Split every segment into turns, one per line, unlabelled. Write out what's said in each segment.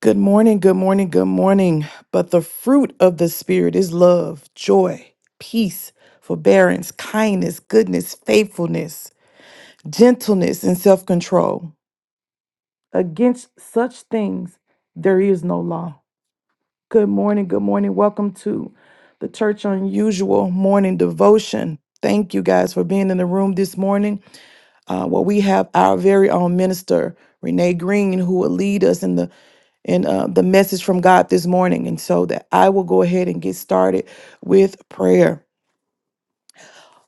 Good morning, good morning, good morning. But the fruit of the Spirit is love, joy, peace, forbearance, kindness, goodness, faithfulness, gentleness, and self control. Against such things, there is no law. Good morning, good morning. Welcome to the Church Unusual Morning Devotion. Thank you guys for being in the room this morning. Uh, well, we have our very own minister, Renee Green, who will lead us in the in uh, the message from God this morning. And so that I will go ahead and get started with prayer.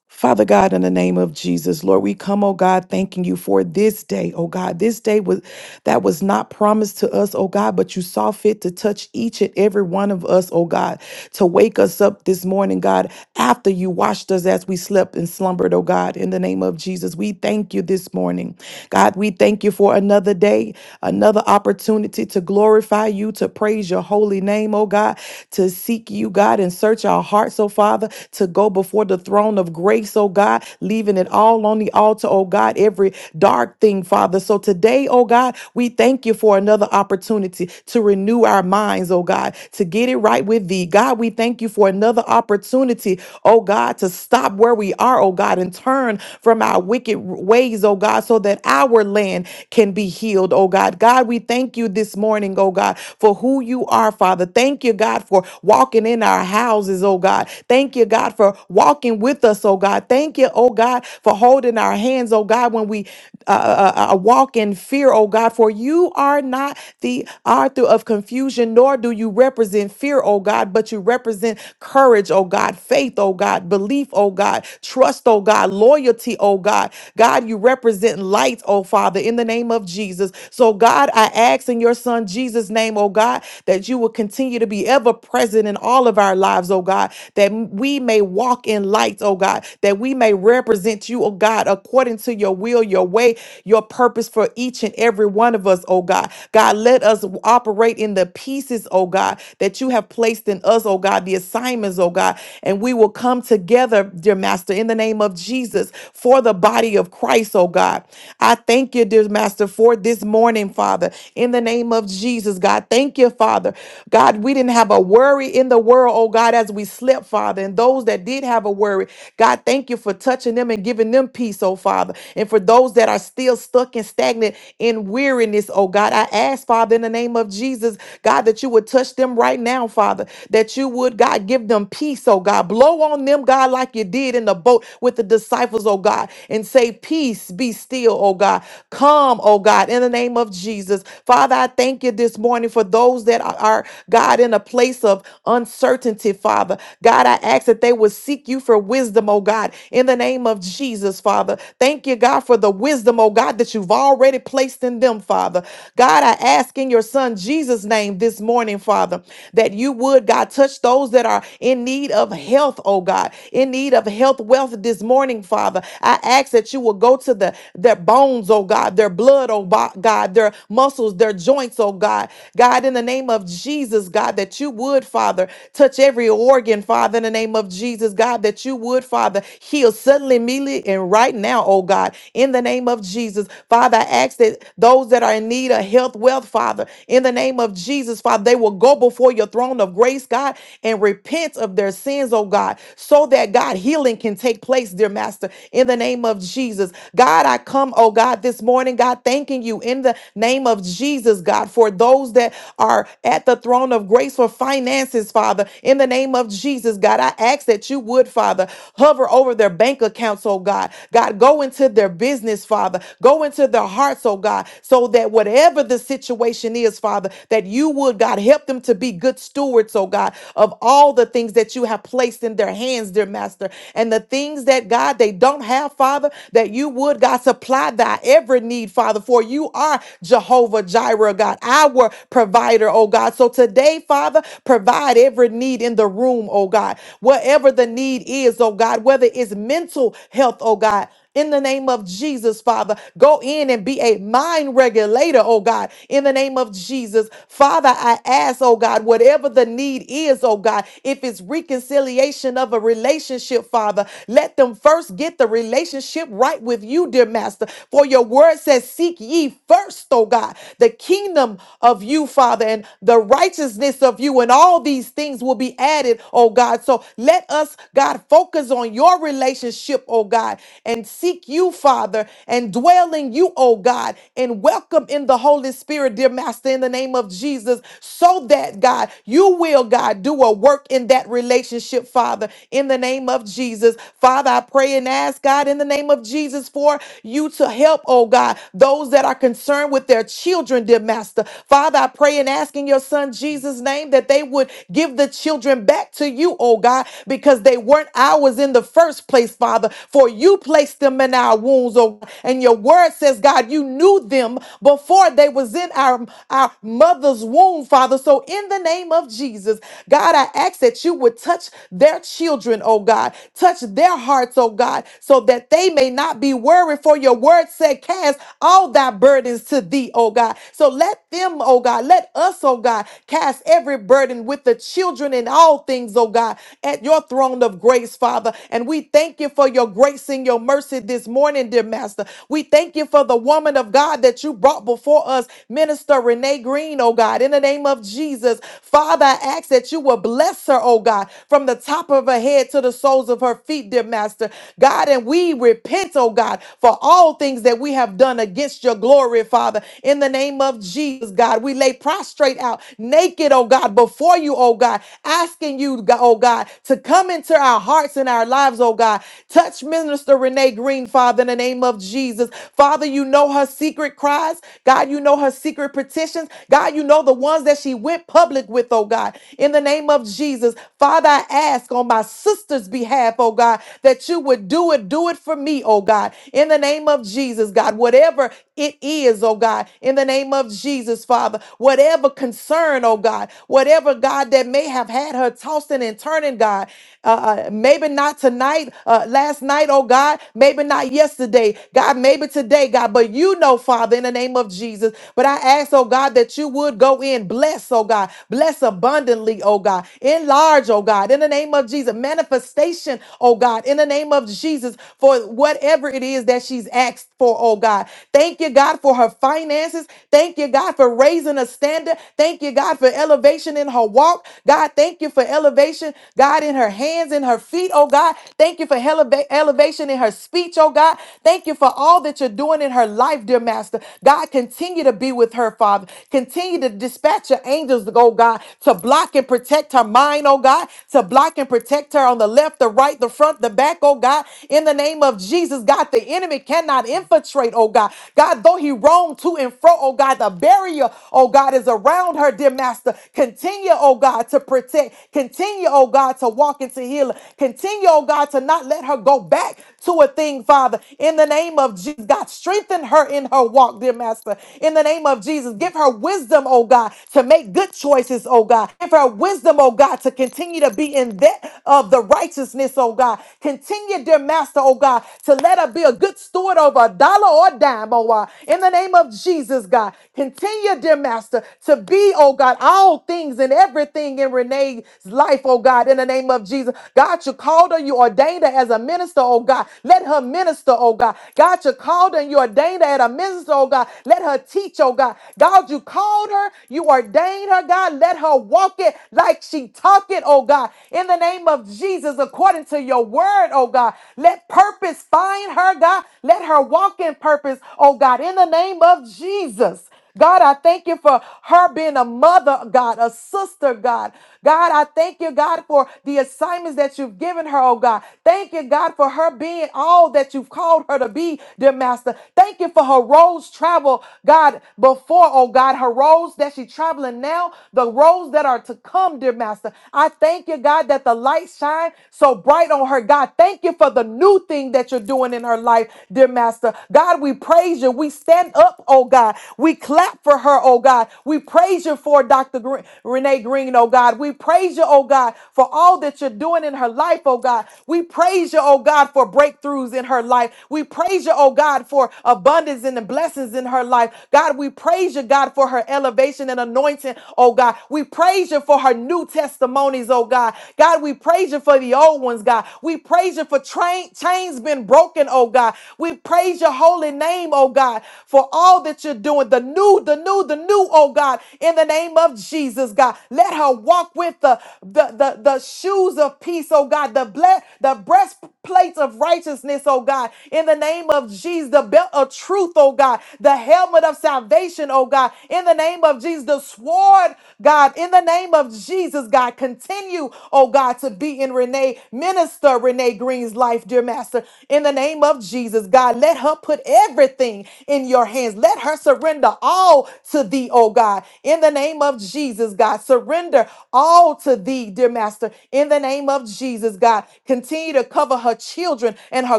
Father God, in the name of Jesus, Lord, we come, oh God, thanking you for this day, oh God. This day was that was not promised to us, oh God, but you saw fit to touch each and every one of us, oh God, to wake us up this morning, God, after you washed us as we slept and slumbered, oh God, in the name of Jesus. We thank you this morning. God, we thank you for another day, another opportunity to glorify you, to praise your holy name, oh God, to seek you, God, and search our hearts, oh Father, to go before the throne throne of grace, oh God, leaving it all on the altar, oh God, every dark thing, Father. So today, oh God, we thank you for another opportunity to renew our minds, oh God, to get it right with thee. God, we thank you for another opportunity, oh God, to stop where we are, oh God, and turn from our wicked ways, oh God, so that our land can be healed, oh God. God, we thank you this morning, oh God, for who you are, Father. Thank you, God, for walking in our houses, oh God. Thank you, God, for walking walking with us, oh God. Thank you, oh God, for holding our hands, oh God, when we uh, uh, uh, uh, uh, walk in fear, oh God, for you are not the author of confusion, nor do you represent fear, oh God, but you represent courage, oh God, faith, oh God, belief, oh God, trust, oh God, loyalty, oh God. God, you represent light, oh Father, in the name of Jesus. So, God, I ask in your Son Jesus' name, oh God, that you will continue to be ever present in all of our lives, oh God, that we may may walk in light, oh God, that we may represent you, oh God, according to your will, your way, your purpose for each and every one of us, oh God. God, let us operate in the pieces, oh God, that you have placed in us, oh God, the assignments, oh God, and we will come together, dear Master, in the name of Jesus for the body of Christ, oh God. I thank you, dear Master, for this morning, Father, in the name of Jesus, God. Thank you, Father. God, we didn't have a worry in the world, oh God, as we slept, Father Father. And those that did have a worry, God, thank you for touching them and giving them peace, oh Father. And for those that are still stuck and stagnant in weariness, oh God, I ask, Father, in the name of Jesus, God, that you would touch them right now, Father, that you would, God, give them peace, oh God. Blow on them, God, like you did in the boat with the disciples, oh God, and say, Peace be still, oh God. Come, oh God, in the name of Jesus. Father, I thank you this morning for those that are, are, God, in a place of uncertainty, Father. God, I ask that they would seek you for wisdom, oh God, in the name of Jesus, Father. Thank you, God, for the wisdom, oh God, that you've already placed in them, Father. God, I ask in your Son Jesus' name this morning, Father, that you would, God, touch those that are in need of health, oh God, in need of health wealth this morning, Father. I ask that you will go to the their bones, oh God, their blood, oh bo- God, their muscles, their joints, oh God. God, in the name of Jesus, God, that you would, Father, touch every organ organ, Father, in the name of Jesus, God, that you would, Father, heal suddenly, immediately, and right now, oh God, in the name of Jesus. Father, I ask that those that are in need of health, wealth, Father, in the name of Jesus, Father, they will go before your throne of grace, God, and repent of their sins, oh God, so that God healing can take place, dear Master, in the name of Jesus. God, I come, oh God, this morning, God, thanking you in the name of Jesus, God, for those that are at the throne of grace for finances, Father, in the name of Jesus, God, I ask that you would, Father, hover over their bank accounts, oh God. God, go into their business, Father. Go into their hearts, oh God, so that whatever the situation is, Father, that you would, God, help them to be good stewards, oh God, of all the things that you have placed in their hands, dear Master. And the things that, God, they don't have, Father, that you would, God, supply thy every need, Father, for you are Jehovah Jireh, God, our provider, oh God. So today, Father, provide God, every need in the room, oh God, whatever the need is, oh God, whether it's mental health, oh God. In the name of Jesus, Father, go in and be a mind regulator, oh God. In the name of Jesus, Father, I ask, oh God, whatever the need is, oh God, if it's reconciliation of a relationship, Father, let them first get the relationship right with you, dear Master. For your word says, Seek ye first, oh God, the kingdom of you, Father, and the righteousness of you, and all all these things will be added, oh God. So let us, God, focus on your relationship, oh God, and seek you, Father, and dwell in you, oh God, and welcome in the Holy Spirit, dear Master, in the name of Jesus, so that, God, you will, God, do a work in that relationship, Father, in the name of Jesus. Father, I pray and ask, God, in the name of Jesus, for you to help, oh God, those that are concerned with their children, dear Master. Father, I pray and ask in your Son Jesus' name name that they would give the children back to you, oh God, because they weren't ours in the first place, Father. For you placed them in our wombs, oh and your word says, God, you knew them before they was in our, our mother's womb, Father. So in the name of Jesus, God, I ask that you would touch their children, oh God, touch their hearts, oh God, so that they may not be worried. For your word said, Cast all thy burdens to thee, oh God. So let them, oh God, let us, oh God, cast every burden with the children in all things, oh God, at your throne of grace, Father. And we thank you for your grace and your mercy this morning, dear Master. We thank you for the woman of God that you brought before us, Minister Renee Green, oh God, in the name of Jesus. Father, I ask that you will bless her, oh God, from the top of her head to the soles of her feet, dear Master. God, and we repent, oh God, for all things that we have done against your glory, Father. In the name of Jesus, God, we lay prostrate out out naked, oh God, before you, oh God, asking you, God- oh God, to come into our hearts and our lives, oh God. Touch Minister Renee Green, Father, in the name of Jesus. Father, you know her secret cries. God, you know her secret petitions. God, you know the ones that she went public with, oh God. In the name of Jesus, Father, I ask on my sister's behalf, oh God, that you would do it, do it for me, oh God. In the name of Jesus, God, whatever it is, oh God, in the name of Jesus, Father. Whatever concern, oh God, whatever God that may have had her tossing and turning, God, uh, uh, maybe not tonight, uh, last night, oh God, maybe not yesterday, God, maybe today, God, but you know, Father, in the name of Jesus. But I ask, oh God, that you would go in, bless, oh God, bless abundantly, oh God, enlarge, oh God, in the name of Jesus, manifestation, oh God, in the name of Jesus, for whatever it is that she's asked for, oh God. Thank you, God, for her finances. Thank you, God, for raising a standard. Thank you, God, for elevation in her walk. God, thank you for elevation, God, in her hands and her feet, oh God. Thank you for eleva- elevation in her speech, oh God. Thank you for all that you're doing in her life, dear Master. God, continue to be with her, Father. Continue to dispatch your angels, to go, God, to block and protect her mind, oh God, to block and protect her on the left, the right, the front, the back, oh God. In the name of Jesus, God, the enemy cannot infiltrate, oh God. God. God, though he roamed to and fro, oh God, the barrier, oh God, is around her, dear master. Continue, oh God, to protect. Continue, oh God, to walk into healing. Continue, oh God, to not let her go back to a thing, Father. In the name of Jesus, God, strengthen her in her walk, dear master. In the name of Jesus, give her wisdom, oh God, to make good choices, oh God. Give her wisdom, oh God, to continue to be in that of the righteousness, oh God. Continue, dear master, oh God, to let her be a good steward over a dollar or dime, oh God. In the name of Jesus, God, continue, dear Master, to be, oh God, all things and everything in Renee's life, oh God, in the name of Jesus. God, you called her, you ordained her as a minister, oh God. Let her minister, oh God. God, you called her and you ordained her as a minister, oh God. Let her teach, oh God. God, you called her, you ordained her, God. Let her walk it like she talk it, oh God. In the name of Jesus, according to your word, oh God. Let purpose find her, God. Let her walk in and purpose, oh God, in the name of Jesus. God, I thank you for her being a mother, God, a sister, God. God, I thank you, God, for the assignments that you've given her, oh God. Thank you, God, for her being all that you've called her to be, dear Master. Thank you for her roads travel, God, before, oh God, her roads that she's traveling now, the roads that are to come, dear Master. I thank you, God, that the light shine so bright on her, God. Thank you for the new thing that you're doing in her life, dear Master. God, we praise you. We stand up, oh God. We clap for her, oh God. We praise you for Dr. Gre- Renee Green, oh God. We praise you, oh God, for all that you're doing in her life, oh God. We praise you, oh God, for breakthroughs in her life. We praise you, oh God, for abundance and the blessings in her life. God, we praise you, God, for her elevation and anointing, oh God. We praise you for her new testimonies, oh God. God, we praise you for the old ones, God. We praise you for train, chains being broken, oh God. We praise praise your holy name, oh God, for all that you're doing. The new, the new, the new, oh God, in the name of Jesus, God. Let her walk with the the the, the shoes of peace, oh God, the ble- the breastplate of righteousness, oh God, in the name of Jesus, the belt of truth, oh God, the helmet of salvation, oh God, in the name of Jesus, the sword, God, in the name of Jesus, God, continue, oh God, to be in Renee, minister Renee Green's life, dear Master, in the name of Jesus, God. God. Let her put everything in your hands. Let her surrender all to thee, oh God. In the name of Jesus, God, surrender all to thee, dear Master. In the name of Jesus, God, continue to cover her children and her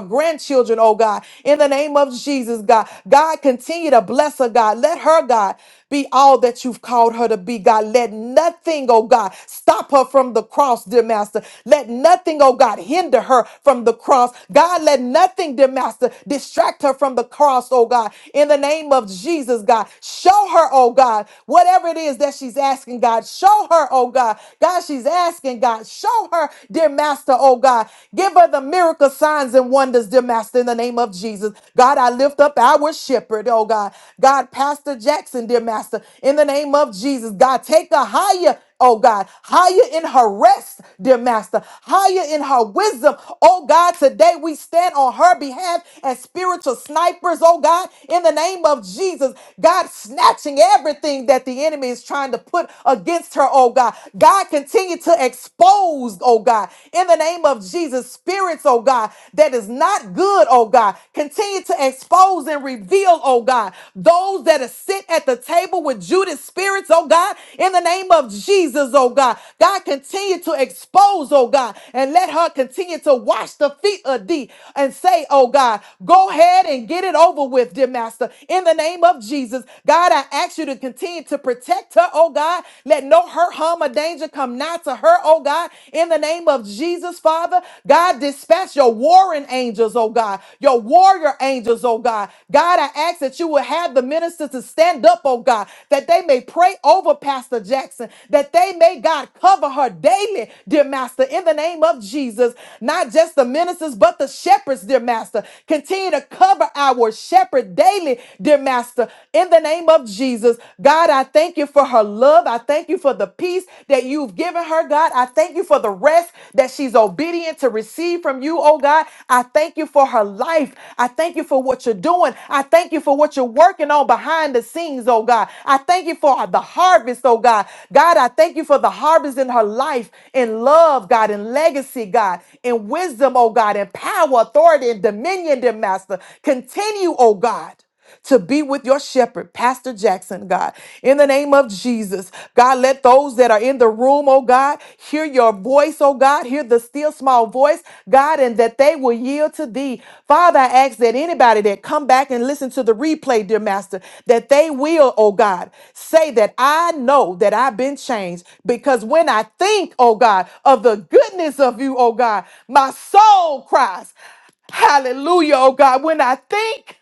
grandchildren, oh God. In the name of Jesus, God, God, continue to bless her, God. Let her, God be all that you've called her to be, God. Let nothing, oh God, stop her from the cross, dear Master. Let nothing, oh God, hinder her from the cross. God, let nothing, dear Master, distract her from the cross, oh God. In the name of Jesus, God, show her, oh God, whatever it is that she's asking, God, show her, oh God. God, she's asking, God, show her, dear Master, oh God. Give her the miracle signs and wonders, dear Master, in the name of Jesus. God, I lift lift up our shepherd, oh God. God, Pastor Jackson, dear Master, in the name of Jesus, God, take a higher. Oh God, higher in her rest, dear Master, higher in her wisdom. Oh God, today we stand on her behalf as spiritual snipers, oh God, in the name of Jesus. God, snatching everything that the enemy is trying to put against her, oh God. God, continue to expose, oh God, in the name of Jesus, spirits oh God, that is not good, oh God. Continue to expose and reveal, oh God, those that are sit at the table with Judas spirits, oh God, in the name of Jesus, oh God. God, continue to expose, oh God, and let her continue to wash the feet of thee and say, oh God, go ahead and get it over with, dear Master, in the name of Jesus. God, I ask you to continue to protect her, oh God. Let no hurt, harm, or danger come nigh to her, her, oh God, in the name of Jesus, Father. God, dispatch your warring angels, oh God, your warrior angels, oh God. God, I ask that you will have the ministers to stand up, oh God, that they may pray over Pastor Jackson, that they may, God, cover her daily, dear Master, in the name of Jesus. Not just the ministers, but the shepherds, dear Master. Continue to cover our shepherd daily, dear Master, in the name of Jesus. God, I thank you you for her love. I thank you for the peace that you've given her, God. I thank you for the rest that she's obedient to receive from you, oh God. I thank you for her life. I thank you for what you're doing. I thank you for what you're working on behind the scenes, oh God. I thank you for the harvest, oh God. God, I thank you for the harvest in her life, in love, God, in legacy, God, in wisdom, oh God, in power, authority, and dominion, dear Master. Continue, oh God to be with your shepherd, Pastor Jackson, God. In the name of Jesus, God, let those that are in the room, oh God, hear your voice, oh God, hear the still small voice, God, and that they will yield to thee. Father, I ask that anybody that come back and listen to the replay, dear Master, that they will, oh God, say that I know that I've been changed because when I think, oh God, of the goodness of you, oh God, my soul cries, hallelujah, oh God, when I think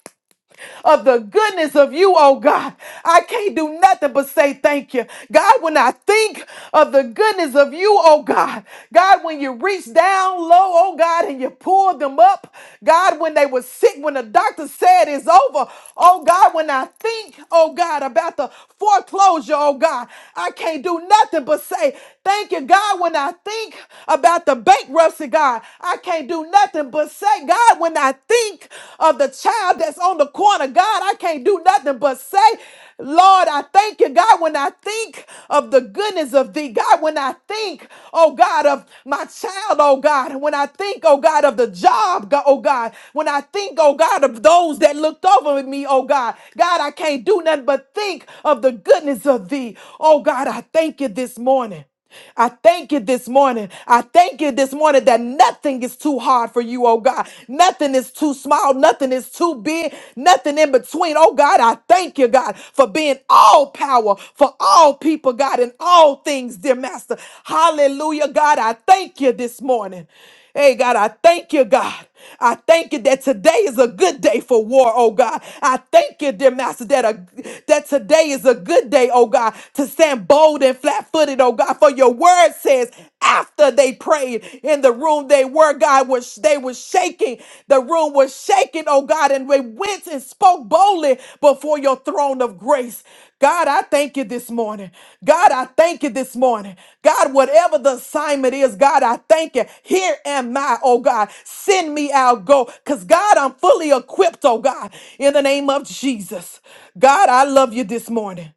of the goodness of you, oh God. I can't do nothing but say thank you. God, when I think of the goodness of you, oh God, God, when you reach down low, oh God, and you pull them up, God, when they were sick, when the doctor said it's over, oh God, when I think, oh God, about the foreclosure, oh God, I can't do nothing but say thank you, God, when I think about the bankruptcy, God, I can't do nothing but say, God, God, when I think of the child that's on the corner, God, I can't do nothing but say, Lord, I thank you, God, when I think of the goodness of thee, God, when I think, oh God, of my child, oh God, when I think, oh God, of the job, go- oh God, when I think, oh God, of those that looked over me, oh God, God, I can't do nothing but think of the goodness of thee, oh God, I thank you this morning. I thank you this morning. I thank you this morning that nothing is too hard for you, oh God. Nothing is too small. Nothing is too big. Nothing in between. Oh God, I thank you, God, for being all power for all people, God, in all things, dear Master. Hallelujah, God. I thank you this morning. Hey, God, I thank you, God. I thank you that today is a good day for war, oh God. I thank you, dear Master, that, a, that today is a good day, oh God, to stand bold and flat footed, oh God. For your word says, after they prayed in the room, they were, God, was, they were shaking. The room was shaking, oh God. And and they went and spoke boldly before your throne of grace. God, I thank you this morning. God, I thank you this morning. God, whatever the assignment is, God, I thank you. Here am I, oh God. Send me out, go. Because God, I'm fully equipped, oh God, in the name of Jesus. God, I love you this morning.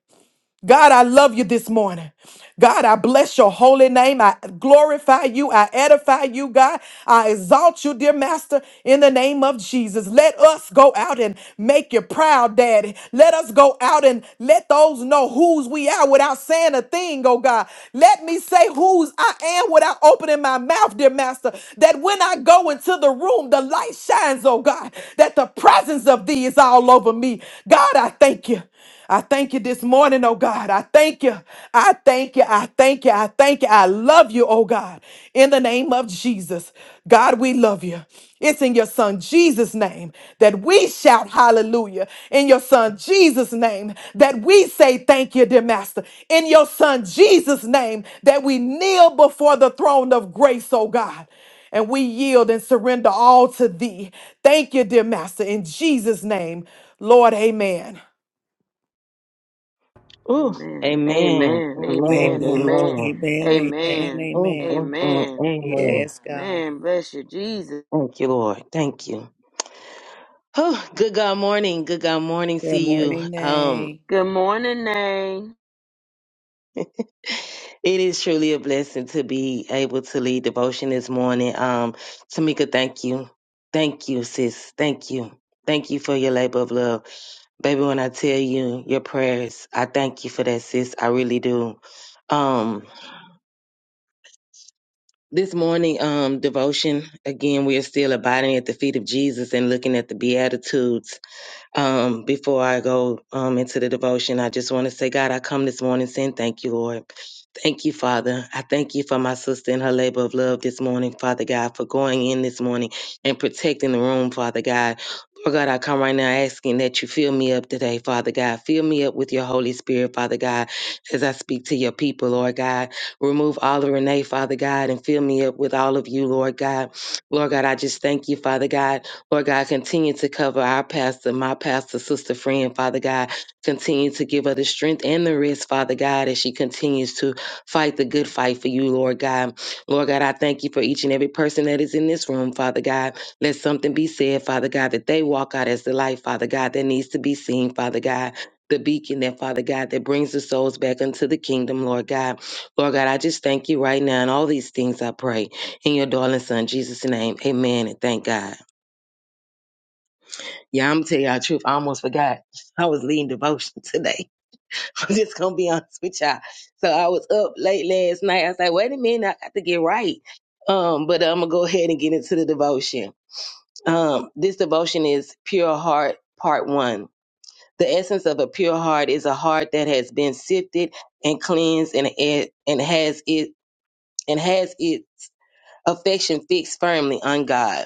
God, I love you this morning. God, I bless your holy name. I glorify you. I edify you, God. I exalt you, dear Master, in the name of Jesus. Let us go out and make you proud, Daddy. Let us go out and let those know whose we are without saying a thing, oh God. Let me say whose I am without opening my mouth, dear Master, that when I go into the room, the light shines, oh God, that the presence of thee is all over me. God, I thank you. I thank you this morning, oh God. I thank you. I thank you. I thank you. I thank you. I love you, oh God. In the name of Jesus. God, we love you. It's in your son Jesus' name that we shout hallelujah. In your son Jesus' name that we say thank you, dear master. In your son Jesus' name that we kneel before the throne of grace, oh God and we yield and surrender all to thee. Thank you, dear Master, in Jesus' name. Lord, amen.
Ooh,
Amen.
amen.
Amen.
Amen.
Amen.
Amen.
Amen.
Amen.
Amen. Amen.
Amen.
Mm,
Amen.
mm, mm,
Amen.
amen.
Yes, God.
Man, bless you, Jesus.
Thank you, Lord. Thank you. Oh, good God morning. Good God morning.
Good
See you.
morning,
Um,
Nay.
Good morning, Nay.
it is truly a blessing to be able to lead devotion this morning. Um, Tamika, thank you. Thank you, sis. Thank you. Thank you for your labor of love. Baby, when I tell you your prayers, I thank you for that, sis. I really do. Um. This morning, um, devotion, again, we are still abiding at the feet of Jesus and looking at the Beatitudes. Um, before I go um, into the devotion, I just want to say, God, I come this morning saying thank you, Lord. Thank you, Father. I thank you for my sister and her labor of love this morning, Father God, for going in this morning and protecting the room, Father God. Lord God, I come right now asking that you fill me up today, Father God. Fill me up with your Holy Spirit, Father God, as I speak to your people, Lord God. Remove all of Renee, Father God, and fill me up with all of you, Lord God. Lord God, I just thank you, Father God. Lord God, continue to cover our pastor, my pastor, sister, friend, Father God. Continue to give her the strength and the rest, Father God, as she continues to fight the good fight for you, Lord God. Lord God, I thank you for each and every person that is in this room, Father God. Let something be said, Father God, that they walk out as the light, Father God, that needs to be seen, Father God. The beacon that, Father God, that brings the souls back unto the kingdom, Lord God. Lord God, I just thank you right now. And all these things I pray in your darling son, Jesus' name. Amen. And thank God. Yeah, I'm gonna tell y'all the truth. I almost forgot. I was leading devotion today. I'm just gonna be honest with y'all. So I was up late last night. I was like, wait a minute, I got to get right. Um, but I'm gonna go ahead and get into the devotion. Um, this devotion is pure heart part one. The essence of a pure heart is a heart that has been sifted and cleansed and it, and has it and has its affection fixed firmly on God.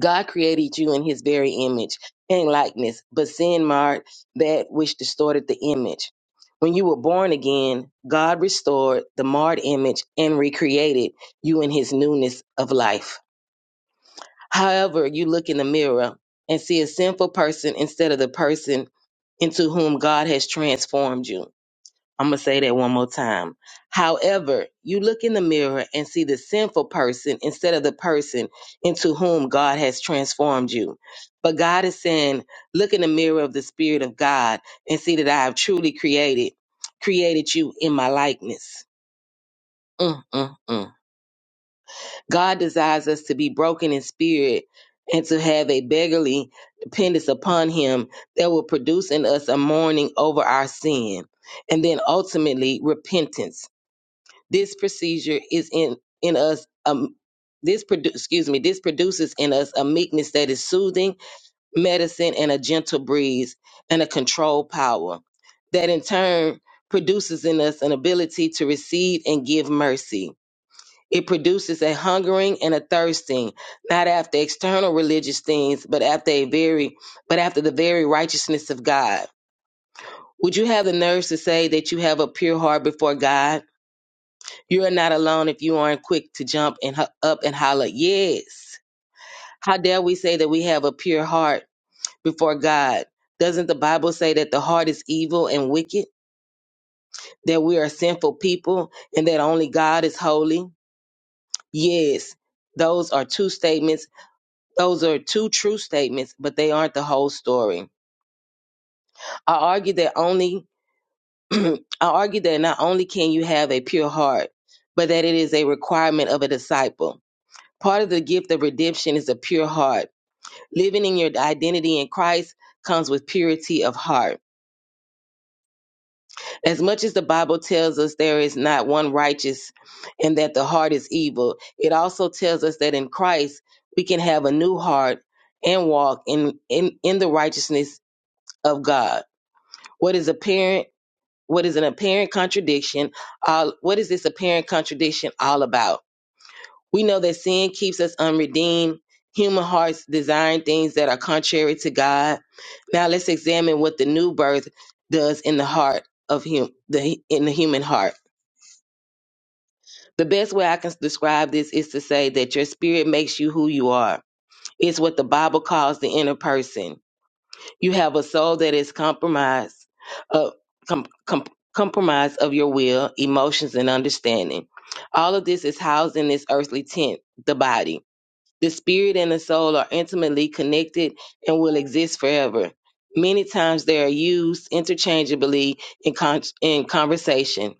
God created you in his very image and likeness, but sin marred that which distorted the image. When you were born again, God restored the marred image and recreated you in his newness of life. However, you look in the mirror and see a sinful person instead of the person into whom God has transformed you. I'm going to say that one more time. However, you look in the mirror and see the sinful person instead of the person into whom God has transformed you. But God is saying, look in the mirror of the Spirit of God and see that I have truly created, created you in my likeness. Mm, mm, mm. God desires us to be broken in spirit and to have a beggarly dependence upon Him that will produce in us a mourning over our sin and then ultimately repentance this procedure is in in us. Um, this produ- excuse me. This produces in us a meekness that is soothing, medicine, and a gentle breeze, and a controlled power that in turn produces in us an ability to receive and give mercy. It produces a hungering and a thirsting, not after external religious things, but after a very, but after the very righteousness of God. Would you have the nerves to say that you have a pure heart before God? You are not alone if you aren't quick to jump and ho- up and holler, Yes. How dare we say that we have a pure heart before God? Doesn't the Bible say that the heart is evil and wicked, that we are sinful people, and that only God is holy? Yes, those are two statements. Those are two true statements, but they aren't the whole story. I argue that only, I argue that not only can you have a pure heart, but that it is a requirement of a disciple. Part of the gift of redemption is a pure heart. Living in your identity in Christ comes with purity of heart. As much as the Bible tells us there is not one righteous and that the heart is evil, it also tells us that in Christ we can have a new heart and walk in, in, in the righteousness of God. What is apparent what is an apparent contradiction? Uh, what is this apparent contradiction all about? We know that sin keeps us unredeemed, human hearts desiring things that are contrary to God. Now let's examine what the new birth does in the heart of hum- the in the human heart. The best way I can describe this is to say that your spirit makes you who you are. It's what the Bible calls the inner person. You have a soul that is compromised, uh, com- com- compromised of your will, emotions, and understanding. All of this is housed in this earthly tent, the body. The spirit and the soul are intimately connected and will exist forever. Many times they are used interchangeably in, con- in conversation,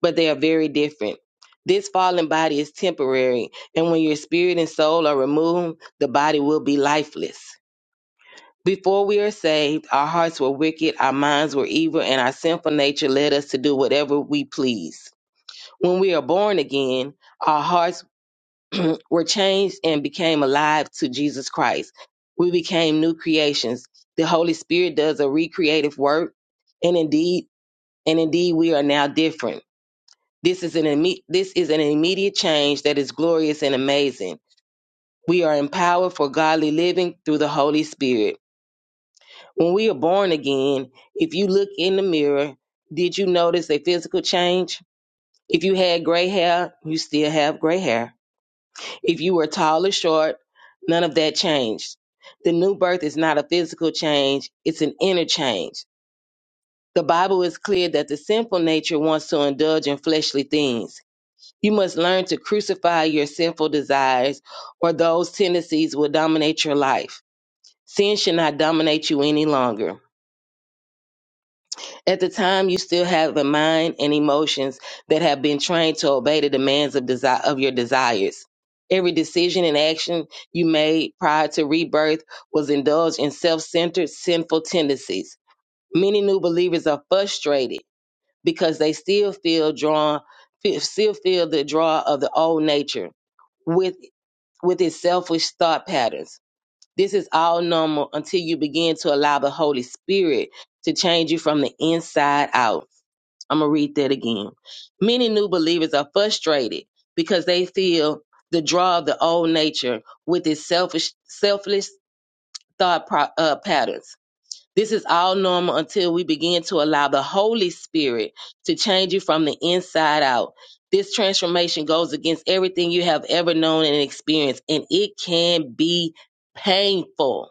but they are very different. This fallen body is temporary, and when your spirit and soul are removed, the body will be lifeless. Before we are saved, our hearts were wicked, our minds were evil, and our sinful nature led us to do whatever we please. When we are born again, our hearts were changed and became alive to Jesus Christ. We became new creations. The Holy Spirit does a recreative work, and indeed, and indeed, we are now different. This is an imme- this is an immediate change that is glorious and amazing. We are empowered for godly living through the Holy Spirit. When we are born again, if you look in the mirror, did you notice a physical change? If you had gray hair, you still have gray hair. If you were tall or short, none of that changed. The new birth is not a physical change, it's an inner change. The Bible is clear that the sinful nature wants to indulge in fleshly things. You must learn to crucify your sinful desires, or those tendencies will dominate your life. Sin should not dominate you any longer. At the time, you still have the mind and emotions that have been trained to obey the demands of desire of your desires. Every decision and action you made prior to rebirth was indulged in self-centered, sinful tendencies. Many new believers are frustrated because they still feel drawn, fe- still feel the draw of the old nature with with its selfish thought patterns. This is all normal until you begin to allow the Holy Spirit to change you from the inside out. I'm going to read that again. Many new believers are frustrated because they feel the draw of the old nature with its selfish, selfless thought pro- uh, patterns. This is all normal until we begin to allow the Holy Spirit to change you from the inside out. This transformation goes against everything you have ever known and experienced, and it can be painful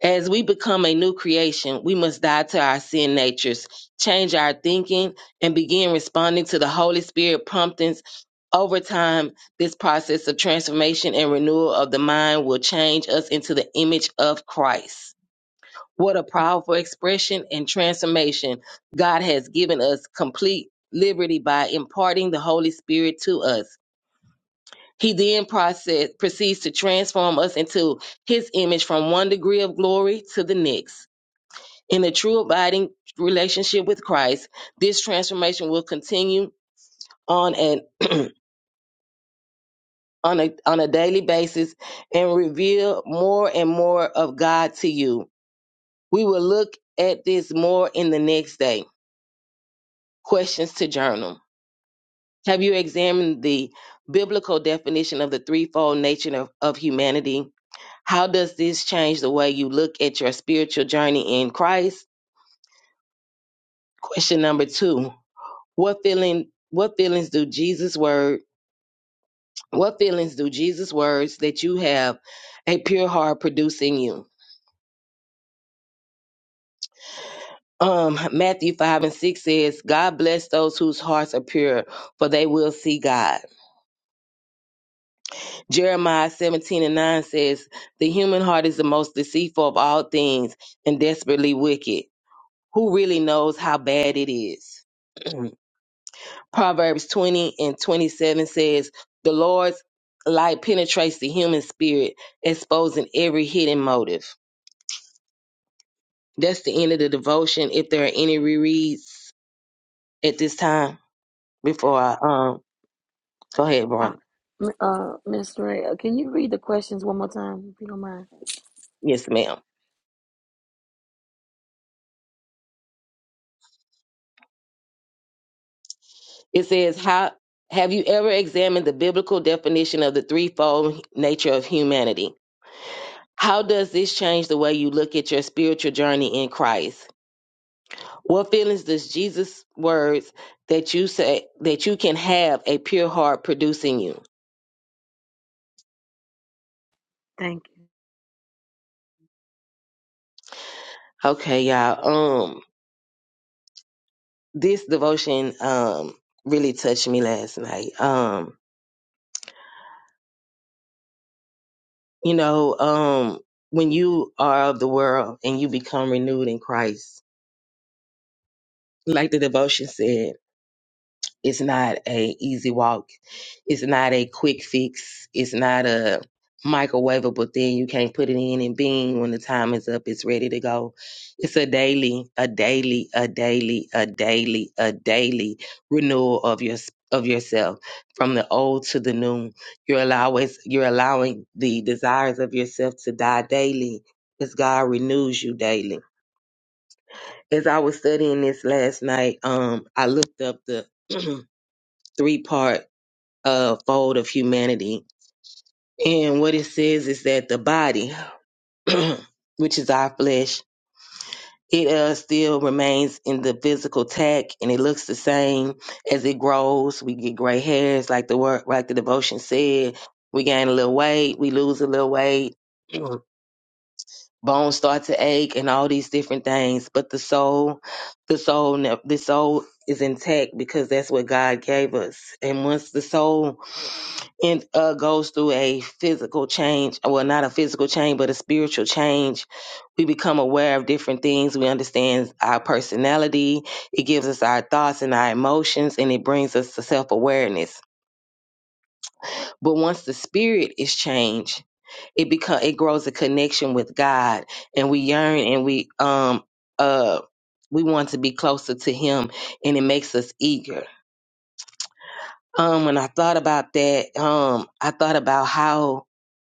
as we become a new creation, we must die to our sin natures, change our thinking, and begin responding to the Holy Spirit promptings. Over time, this process of transformation and renewal of the mind will change us into the image of Christ. What a powerful expression and transformation. God has given us complete liberty by imparting the Holy Spirit to us. He then process, proceeds to transform us into his image from one degree of glory to the next. In a true abiding relationship with Christ, this transformation will continue on an on a on a daily basis and reveal more and more of God to you. We will look at this more in the next day. Questions to journal. Have you examined the biblical definition of the threefold nature of, of humanity? How does this change the way you look at your spiritual journey in Christ? Question number two. What feeling what feelings do Jesus' words What feelings do Jesus' words that you have a pure heart produce in you? Um, Matthew 5 and 6 says, God bless those whose hearts are pure, for they will see God. Jeremiah 17 and 9 says, The human heart is the most deceitful of all things and desperately wicked. Who really knows how bad it is? Proverbs 20 and 27 says, The Lord's light penetrates the human spirit, exposing every hidden motive. That's the end of the devotion. If there are any rereads at this time before I um go ahead,
Uh,
Veronica.
m- uh, Miss Ray, uh, can you read the questions one more time, if you don't mind?
Yes, ma'am. It says, How have you ever examined the biblical definition of the threefold nature of humanity? How does this change the way you look at your spiritual journey in Christ? What feelings does Jesus' words that you say that you can have a pure heart producing you?
Thank you.
Okay, y'all. Um, this devotion um really touched me last night. Um, You know, um, when you are of the world and you become renewed in Christ, like the devotion said, it's not a easy walk. It's not a quick fix. It's not a microwavable thing. You can't put it in and bing when the time is up, it's ready to go. It's a daily, a daily, a daily, a daily, a daily renewal of your of yourself from the old to the new. You're always you're allowing the desires of yourself to die daily as God renews you daily. As I was studying this last night, um, I looked up the three part uh, fold of humanity. And what it says is that the body, which is our flesh, it uh, still remains in the physical tack and it looks the same as it grows. We get gray hairs, like the word, like the devotion said. We gain a little weight, we lose a little weight. Bones start to ache and all these different things, but the soul, the soul, ne- the soul is intact because that's what God gave us. And once the soul and uh, goes through a physical change well not a physical change but a spiritual change we become aware of different things we understand our personality it gives us our thoughts and our emotions and it brings us to self-awareness but once the spirit is changed it become it grows a connection with god and we yearn and we um uh we want to be closer to him and it makes us eager um when i thought about that um i thought about how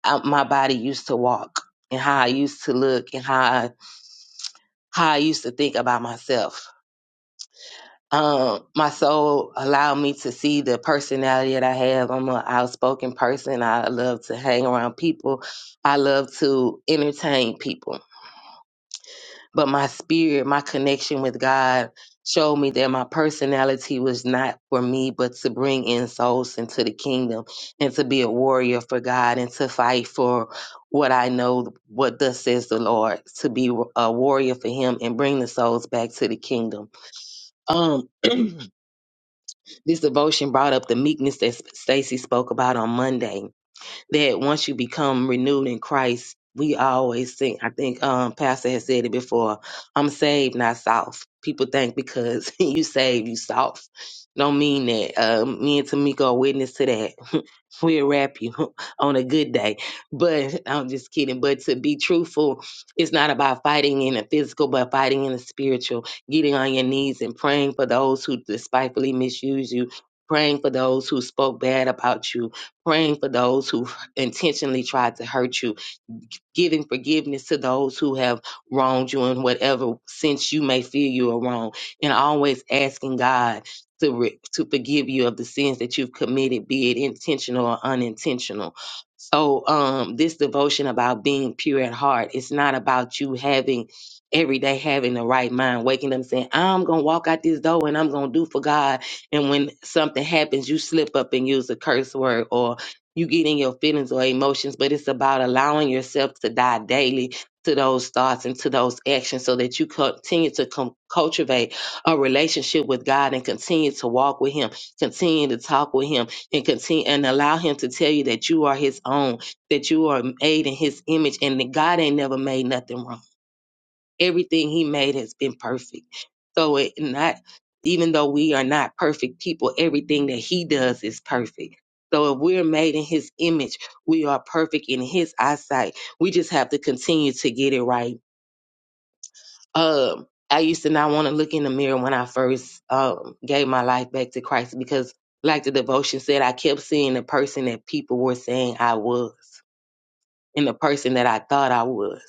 I, my body used to walk and how I used to look and how I, how I used to think about myself. Um, my soul allowed me to see the personality that I have. I'm an outspoken person. I love to hang around people. I love to entertain people. but my spirit, my connection with God showed me that my personality was not for me, but to bring in souls into the kingdom and to be a warrior for God and to fight for what I know, what thus says the Lord, to be a warrior for Him and bring the souls back to the kingdom. Um, this devotion brought up the meekness that Stacy spoke about on Monday that once you become renewed in Christ, we always think, I think um, Pastor has said it before, I'm saved, not soft. People think because you saved, you soft. Don't mean that. Uh, me and Tamika are witness to that We'll wrap you on a good day. But I'm just kidding. But to be truthful, it's not about fighting in the physical, but fighting in the spiritual, getting on your knees and praying for those who despitefully misuse you. Praying for those who spoke bad about you, praying for those who intentionally tried to hurt you, giving forgiveness to those who have wronged you in whatever sense you may feel you are wrong, and always asking God to re- to forgive you of the sins that you've committed, be it intentional or unintentional. So, um, this devotion about being pure at heart, it's not about you having every day having the right mind, waking up saying, I'm gonna walk out this door and I'm gonna do for God. And when something happens, you slip up and use a curse word or you get in your feelings or emotions, but it's about allowing yourself to die daily to those thoughts and to those actions so that you continue to com- cultivate a relationship with God and continue to walk with Him, continue to talk with Him, and continue and allow Him to tell you that you are His own, that you are made in His image, and that God ain't never made nothing wrong everything he made has been perfect. So it not even though we are not perfect people, everything that he does is perfect. So if we're made in his image, we are perfect in his eyesight. We just have to continue to get it right. Um I used to not want to look in the mirror when I first um, gave my life back to Christ because, like the devotion said, I kept seeing the person that people were saying I was in the person that I thought I was.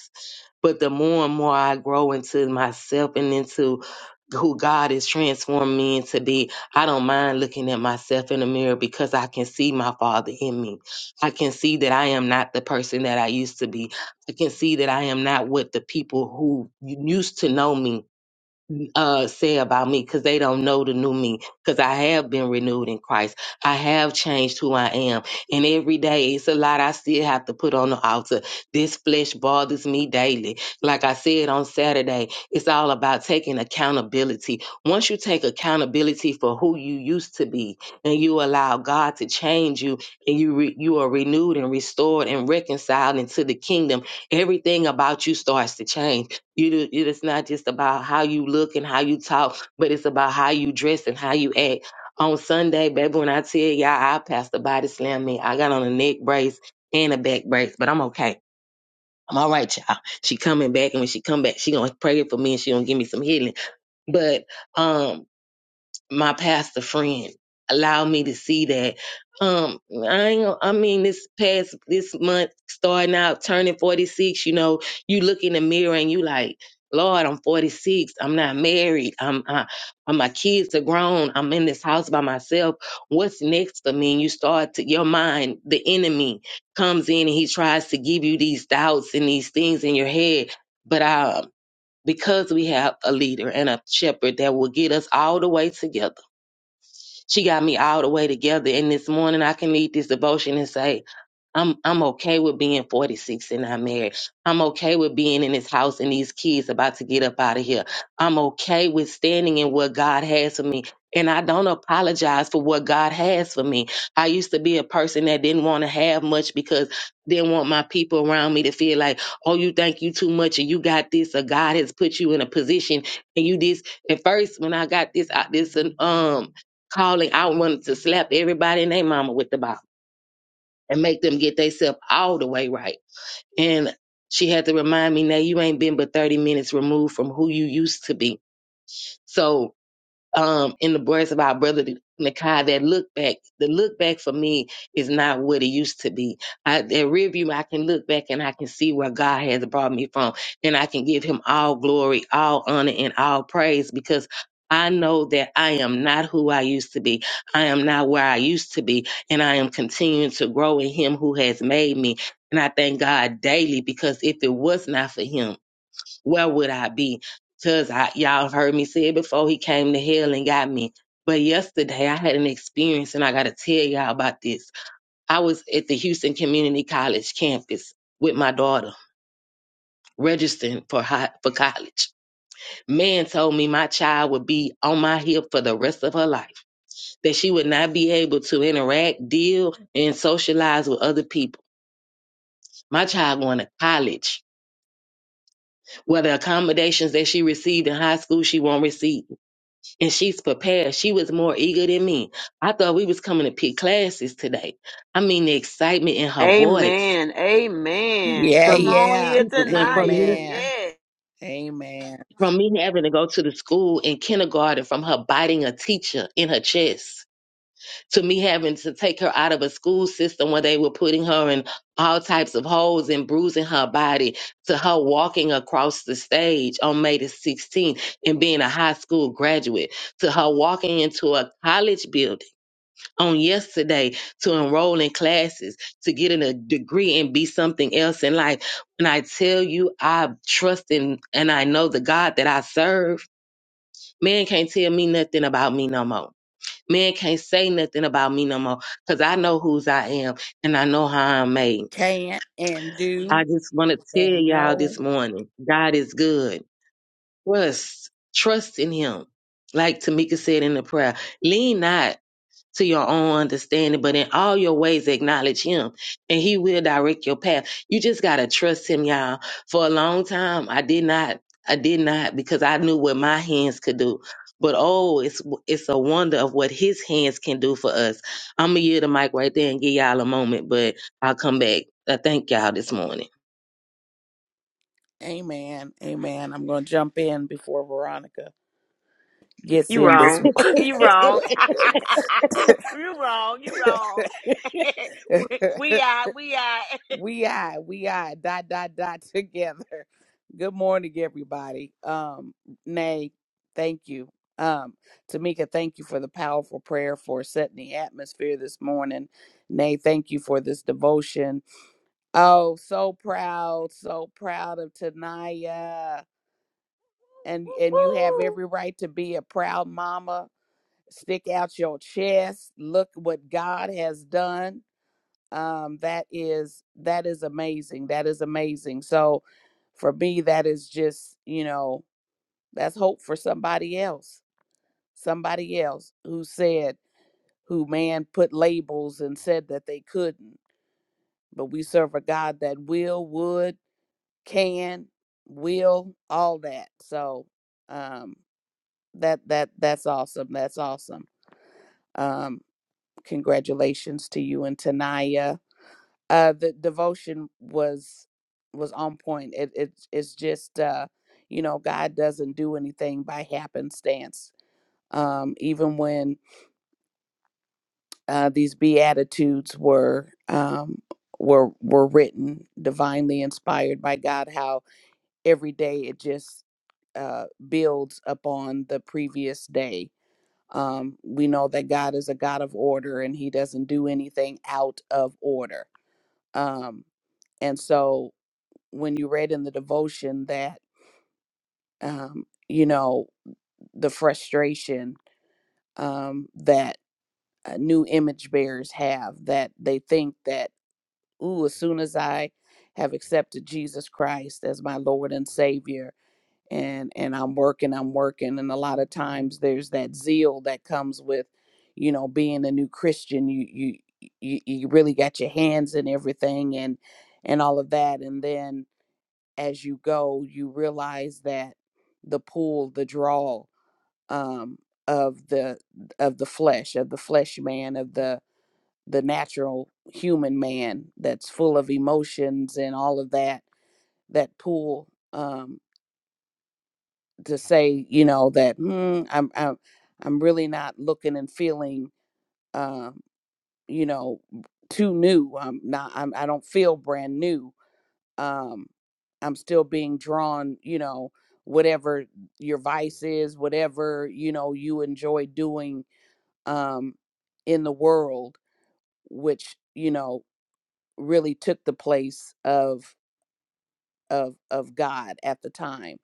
But the more and more I grow into myself and into who God has transformed me into be, I don't mind looking at myself in the mirror because I can see my Father in me. I can see that I am not the person that I used to be. I can see that I am not what the people who used to know me uh, say about me because they don't know the new me because I have been renewed in Christ. I have changed who I am. And every day, it's a lot I still have to put on the altar. This flesh bothers me daily. Like I said on Saturday, it's all about taking accountability. Once you take accountability for who you used to be and you allow God to change you and you, re- you are renewed and restored and reconciled into the kingdom, everything about you starts to change you do, it is not just about how you look and how you talk, but it's about how you dress and how you act. On Sunday, baby, when I tell y'all I passed the body slam me, I got on a neck brace and a back brace, but I'm okay. I'm all right, y'all. She coming back, and when she come back, she gonna pray for me and she gonna give me some healing. But um, my pastor friend allowed me to see that. Um, I ain't, gonna- I mean, this past this month, starting out turning forty six, you know, you look in the mirror and you like, Lord, I'm forty six. I'm not married. I'm, I, am i my kids are grown. I'm in this house by myself. What's next for me? And you start to your mind, the enemy comes in and he tries to give you these doubts and these things in your head. But um, because we have a leader and a shepherd that will get us all the way together she got me all the way together. And this morning I can lead this devotion and say, I'm I'm okay with being 46 and not married. I'm okay with being in this house and these kids about to get up out of here. I'm okay with standing in what God has for me. And I don't apologize for what God has for me. I used to be a person that didn't want to have much because didn't want my people around me to feel like, oh, you think you too much or you got this or God has put you in a position and you this. At first, when I got this out this um calling, I wanted to slap everybody and their mama with the Bible and make them get themselves all the way right. And she had to remind me, now you ain't been but 30 minutes removed from who you used to be. So um, in the words of our brother Nakai, that look back, the look back for me is not what it used to be. I, that rear view, I can look back and I can see where God has brought me from, and I can give Him all glory, all honor, and all praise because. I know that I am not who I used to be. I am not where I used to be. And I am continuing to grow in Him who has made me. And I thank God daily because if it was not for Him, where would I be? Cause I y'all have heard me say it before he came to hell and got me. But yesterday I had an experience and I gotta tell y'all about this. I was at the Houston Community College campus with my daughter registering for high, for college. Man told me my child would be on my hip for the rest of her life, that she would not be able to interact, deal, and socialize with other people. My child going to college, where the accommodations that she received in high school she won't receive. and she's prepared. She was more eager than me. I thought we was coming to pick classes today. I mean, the excitement in her voice
Amen. Amen.
Yeah,
Come
from
on
yeah.
here,
people went from me
Tanaya.
Amen.
Yeah.
Amen.
from me having to go to the school in kindergarten from her biting a teacher in her chest to me having to take her out of a school system where they were putting her in all types of holes and bruising her body to her walking across the stage on May the 16th and being a high school graduate to her walking into a college building on yesterday to enroll in classes, to get in a degree and be something else in life. And I tell you, I trust in and I know the God that I serve. Man can't tell me nothing about me no more. Man can't say nothing about me no more because I know whose I am and I know how I'm made.
can and
I
do
just want to tell
and
y'all this
know.
morning, God is good. Trust, trust in Him. Like Tamika said in the prayer, lean not to your own understanding, but in all your ways acknowledge him and he will direct your path. You just gotta trust him, y'all. For a long time I did not I did not because I knew what my hands could do. But oh, it's it's a wonder of what his hands can do for us. I'm gonna yield the mic right there and give y'all a moment, but I'll come back. I thank y'all this morning.
Amen. Amen. I'm going to jump in before Veronica gets
You
in
wrong. you wrong.
this.
you wrong. You wrong. we, we are. We are.
We are, we are, dot, dot, dot, together. Good morning, everybody. Um, Nay, thank you. Um, Tamika, thank you for the powerful prayer for setting the atmosphere this morning. Nay, thank you for this devotion. Oh, so proud, so proud of Tanaya. And and you have
Woo-woo.
every right to be a proud mama. Stick out your chest. Look what God has done um that is that is amazing that is amazing so for me that is just you know that's hope for somebody else somebody else who said who man put labels and said that they couldn't but we serve a god that will would can will all that so um that that that's awesome that's awesome um congratulations to you and tanaya uh the devotion was was on point it, it it's just uh you know god doesn't do anything by happenstance um even when uh these beatitudes were um were were written divinely inspired by god how every day it just uh builds upon the previous day um we know that god is a god of order and he doesn't do anything out of order um and so when you read in the devotion that um, you know the frustration um, that uh, new image bearers have that they think that ooh as soon as I have accepted Jesus Christ as my Lord and Savior and and I'm working I'm working and a lot of times there's that zeal that comes with you know being a new Christian you you you, you really got your hands in everything and and all of that and then as you go, you realize that the pull, the draw um, of the of the flesh, of the flesh man, of the the natural human man that's full of emotions and all of that, that pull um, to say, you know, that mm, I'm I'm I'm really not looking and feeling, um, you know, too new. I'm not. I'm, I don't feel brand new um i'm still being drawn you know whatever your vice is whatever you know you enjoy doing um in the world which you know really took the place of of of god at the time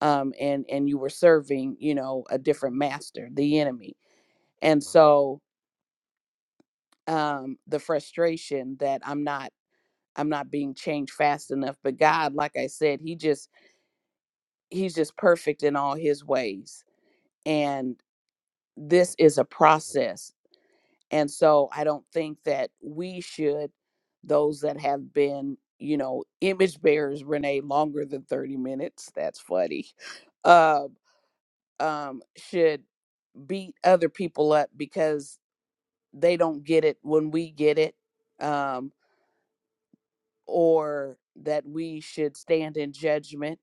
um and and you were serving you know a different master the enemy and so um the frustration that i'm not i'm not being changed fast enough but god like i said he just he's just perfect in all his ways and this is a process and so i don't think that we should those that have been you know image bearers renee longer than 30 minutes that's funny uh, um, should beat other people up because they don't get it when we get it um, or that we should stand in judgment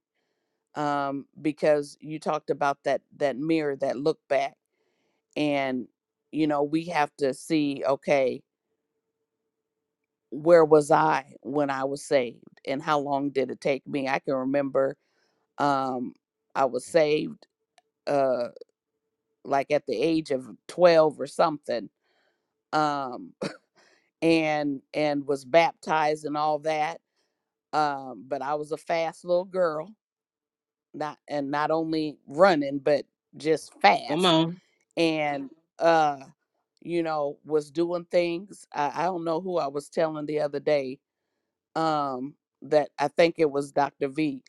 um, because you talked about that that mirror that look back and you know we have to see okay where was i when i was saved and how long did it take me i can remember um i was saved uh like at the age of 12 or something um and and was baptized and all that um but i was a fast little girl not and not only running but just
Come
fast
on.
and uh you know was doing things i, I don't know who i was telling the other day um, that I think it was Dr. V.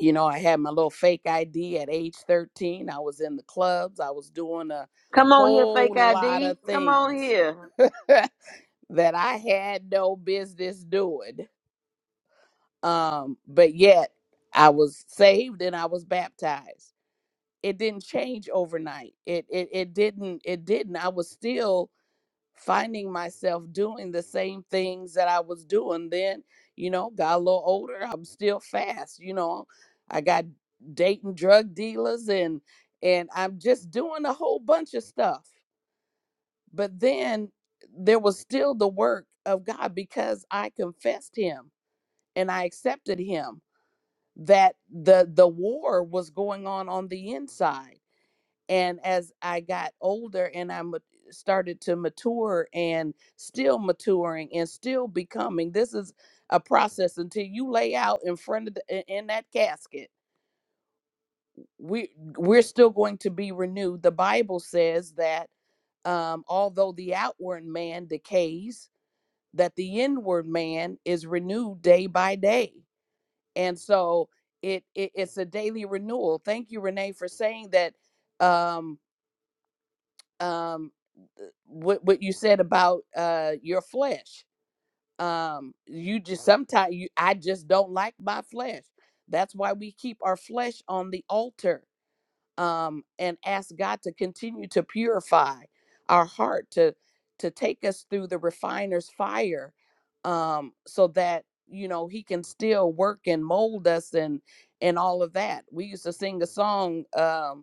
You know, I had my little fake ID at age 13. I was in the clubs. I was doing a
Come on here,
whole
fake
lot
ID.
of
Come on
things
here.
that I had no business doing. Um, but yet I was saved and I was baptized. It didn't change overnight. It it it didn't it didn't. I was still finding myself doing the same things that I was doing then, you know, got a little older, I'm still fast, you know. I got dating drug dealers and and I'm just doing a whole bunch of stuff. But then there was still the work of God because I confessed him and I accepted him that the the war was going on on the inside and as i got older and i ma- started to mature and still maturing and still becoming this is a process until you lay out in front of the, i- in that casket we we're still going to be renewed the bible says that um, although the outward man decays that the inward man is renewed day by day and so it, it it's a daily renewal thank you renee for saying that um um what what you said about uh your flesh um you just sometimes you i just don't like my flesh that's why we keep our flesh on the altar um and ask god to continue to purify our heart to to take us through the refiner's fire um so that you know he can still work and mold us and and all of that we used to sing a song um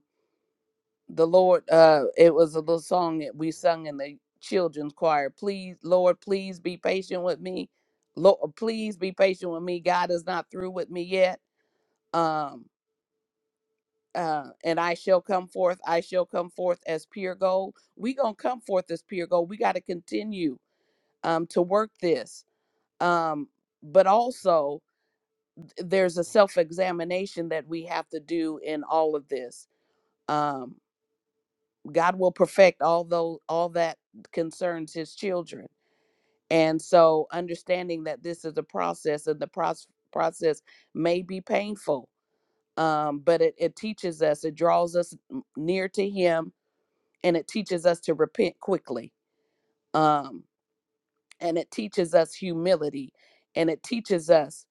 the Lord, uh, it was a little song that we sung in the children's choir. Please, Lord, please be patient with me. Lord, please be patient with me. God is not through with me yet. Um, uh, and I shall come forth. I shall come forth as pure gold. We gonna come forth as pure gold. We got to continue um, to work this. Um, but also, there's a self-examination that we have to do in all of this. Um. God will perfect all those all that concerns his children. And so understanding that this is a process and the process process may be painful. Um, but it, it teaches us, it draws us n- near to him and it teaches us to repent quickly. Um, and it teaches us humility and it teaches us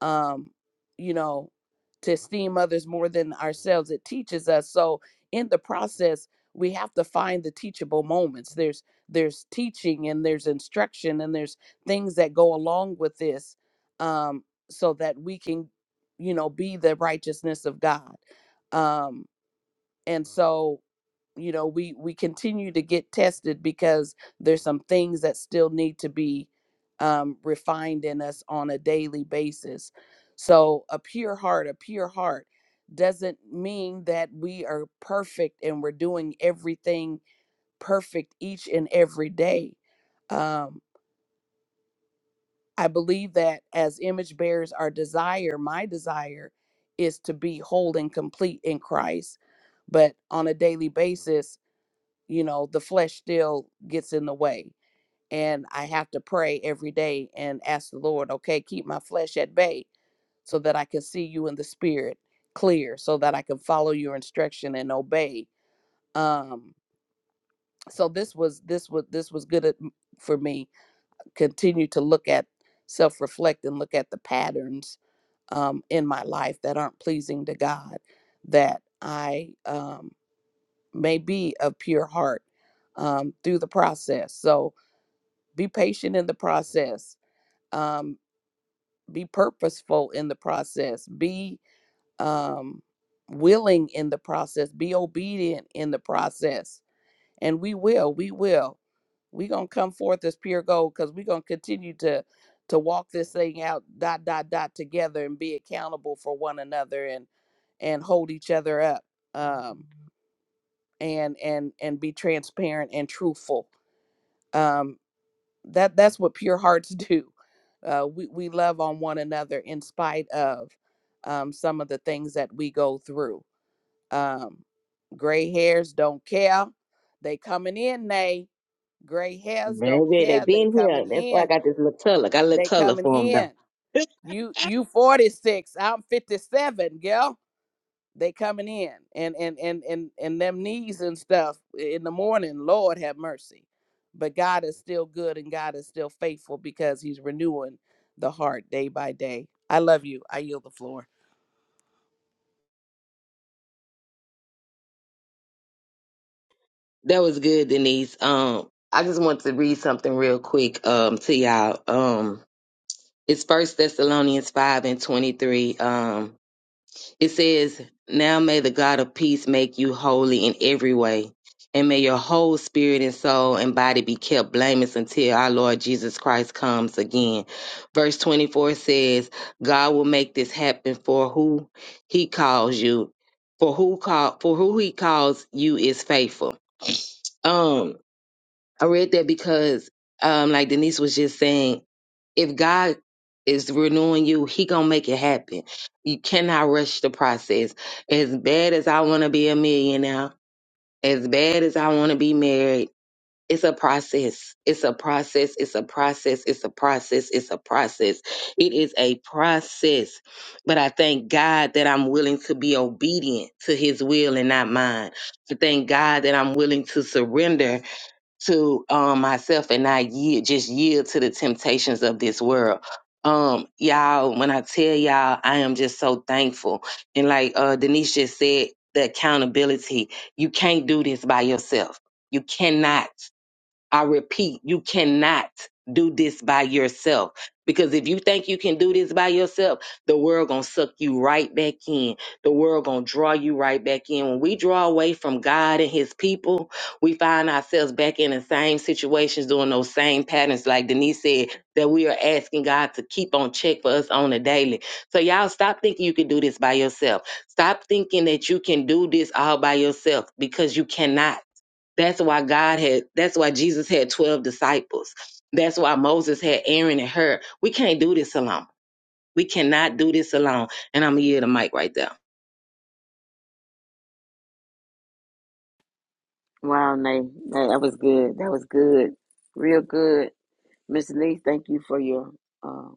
um, you know, to esteem others more than ourselves. It teaches us. So in the process, we have to find the teachable moments. There's there's teaching and there's instruction and there's things that go along with this, um, so that we can, you know, be the righteousness of God. Um, and so you know we we continue to get tested because there's some things that still need to be um, refined in us on a daily basis so a pure heart a pure heart doesn't mean that we are perfect and we're doing everything perfect each and every day um, i believe that as image bearers our desire my desire is to be whole and complete in christ but on a daily basis you know, the flesh still gets in the way. And I have to pray every day and ask the Lord, okay, keep my flesh at bay so that I can see you in the spirit clear, so that I can follow your instruction and obey. Um, so this was this was this was good at, for me. Continue to look at self reflect and look at the patterns um, in my life that aren't pleasing to God, that I um, may be of pure heart um, through the process. So be patient in the process um, be purposeful in the process be um, willing in the process be obedient in the process and we will we will we gonna come forth as pure gold because we gonna continue to to walk this thing out dot dot dot together and be accountable for one another and and hold each other up um and and and be transparent and truthful um, that that's what pure hearts do uh, we, we love on one another in spite of um, some of the things that we go through um, gray hairs don't care they coming in they gray hairs don't
Baby, they
care they
been here.
coming
That's why I
in
got this little color. Got a little
they
color for
coming
for 'em,
in you you 46 i'm 57 girl they coming in and and and and and them knees and stuff in the morning lord have mercy but god is still good and god is still faithful because he's renewing the heart day by day i love you i yield the floor
That was good, Denise. Um, I just want to read something real quick um to y'all. Um it's first Thessalonians five and twenty three. Um it says, Now may the God of peace make you holy in every way, and may your whole spirit and soul and body be kept blameless until our Lord Jesus Christ comes again. Verse twenty four says, God will make this happen for who he calls you. For who call for who he calls you is faithful. Um. I read that because, um, like Denise was just saying, if God is renewing you, He gonna make it happen. You cannot rush the process. As bad as I want to be a millionaire, as bad as I want to be married, it's a process. It's a process. It's a process. It's a process. It's a process. It is a process. But I thank God that I'm willing to be obedient to His will and not mine. I thank God that I'm willing to surrender to um, myself and I yield, just yield to the temptations of this world. Um, y'all, when I tell y'all, I am just so thankful. And like uh, Denise just said, the accountability. You can't do this by yourself. You cannot. I repeat, you cannot do this by yourself because if you think you can do this by yourself, the world going to suck you right back in. The world going to draw you right back in. When we draw away from God and his people, we find ourselves back in the same situations doing those same patterns like Denise said that we are asking God to keep on check for us on a daily. So y'all stop thinking you can do this by yourself. Stop thinking that you can do this all by yourself because you cannot. That's why God had, that's why Jesus had 12 disciples. That's why Moses had Aaron and her. We can't do this alone. We cannot do this alone. And I'm going to yield the mic right there.
Wow, Nate. That, that was good. That was good. Real good. Miss Lee, thank you for your uh,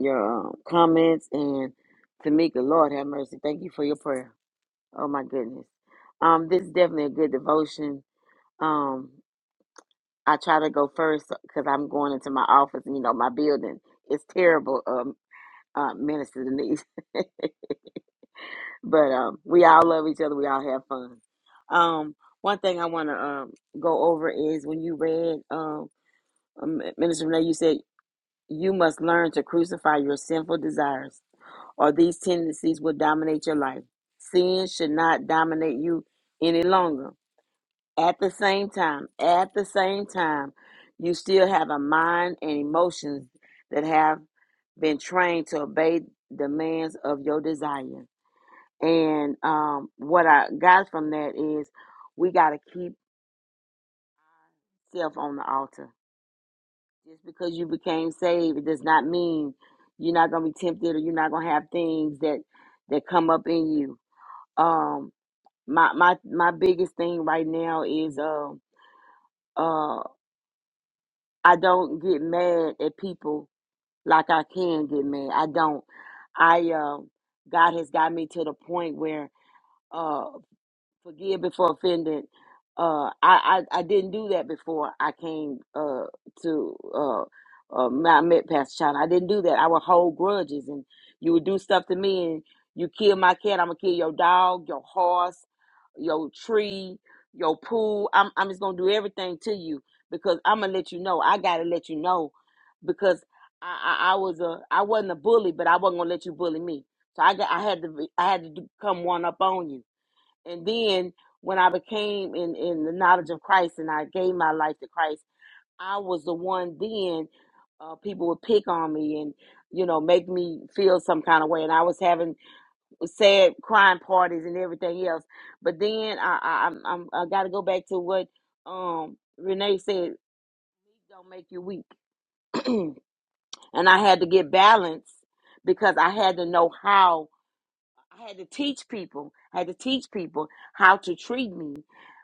your um, comments. And Tamika, Lord have mercy. Thank you for your prayer. Oh, my goodness. Um, this is definitely a good devotion. Um, I try to go first because I'm going into my office, you know, my building. It's terrible, um, uh, Minister Denise. But um, we all love each other. We all have fun. Um, one thing I want to um, go over is when you read um, um, Minister Renee, you said you must learn to crucify your sinful desires, or these tendencies will dominate your life. Sin should not dominate you any longer. At the same time, at the same time, you still have a mind and emotions that have been trained to obey demands of your desires. And um, what I got from that is we got to keep self on the altar. Just because you became saved, it does not mean you're not going to be tempted or you're not going to have things that that come up in you. Um, my my my biggest thing right now is um uh, I don't get mad at people like I can get mad. I don't. I um God has got me to the point where uh, forgive before offended. Uh, I, I I didn't do that before I came uh to uh, uh I met Pastor China. I didn't do that. I would hold grudges, and you would do stuff to me, and you kill my cat, I'm gonna kill your dog, your horse, your tree, your pool. I'm I'm just gonna do everything to you because I'm gonna let you know. I gotta let you know because I I, I was a I wasn't a bully, but I wasn't gonna let you bully me. So I got I had to be- I had to do- come one up on you and then when I became in, in the knowledge of Christ and I gave my life to Christ, I was the one then uh, people would pick on me and, you know, make me feel some kind of way. And I was having sad crying parties and everything else. But then I, I, I'm, I'm, I got to go back to what um, Renee said, don't make you weak. and I had to get balance because I had to know how I had to teach people, I had to teach people how to treat me.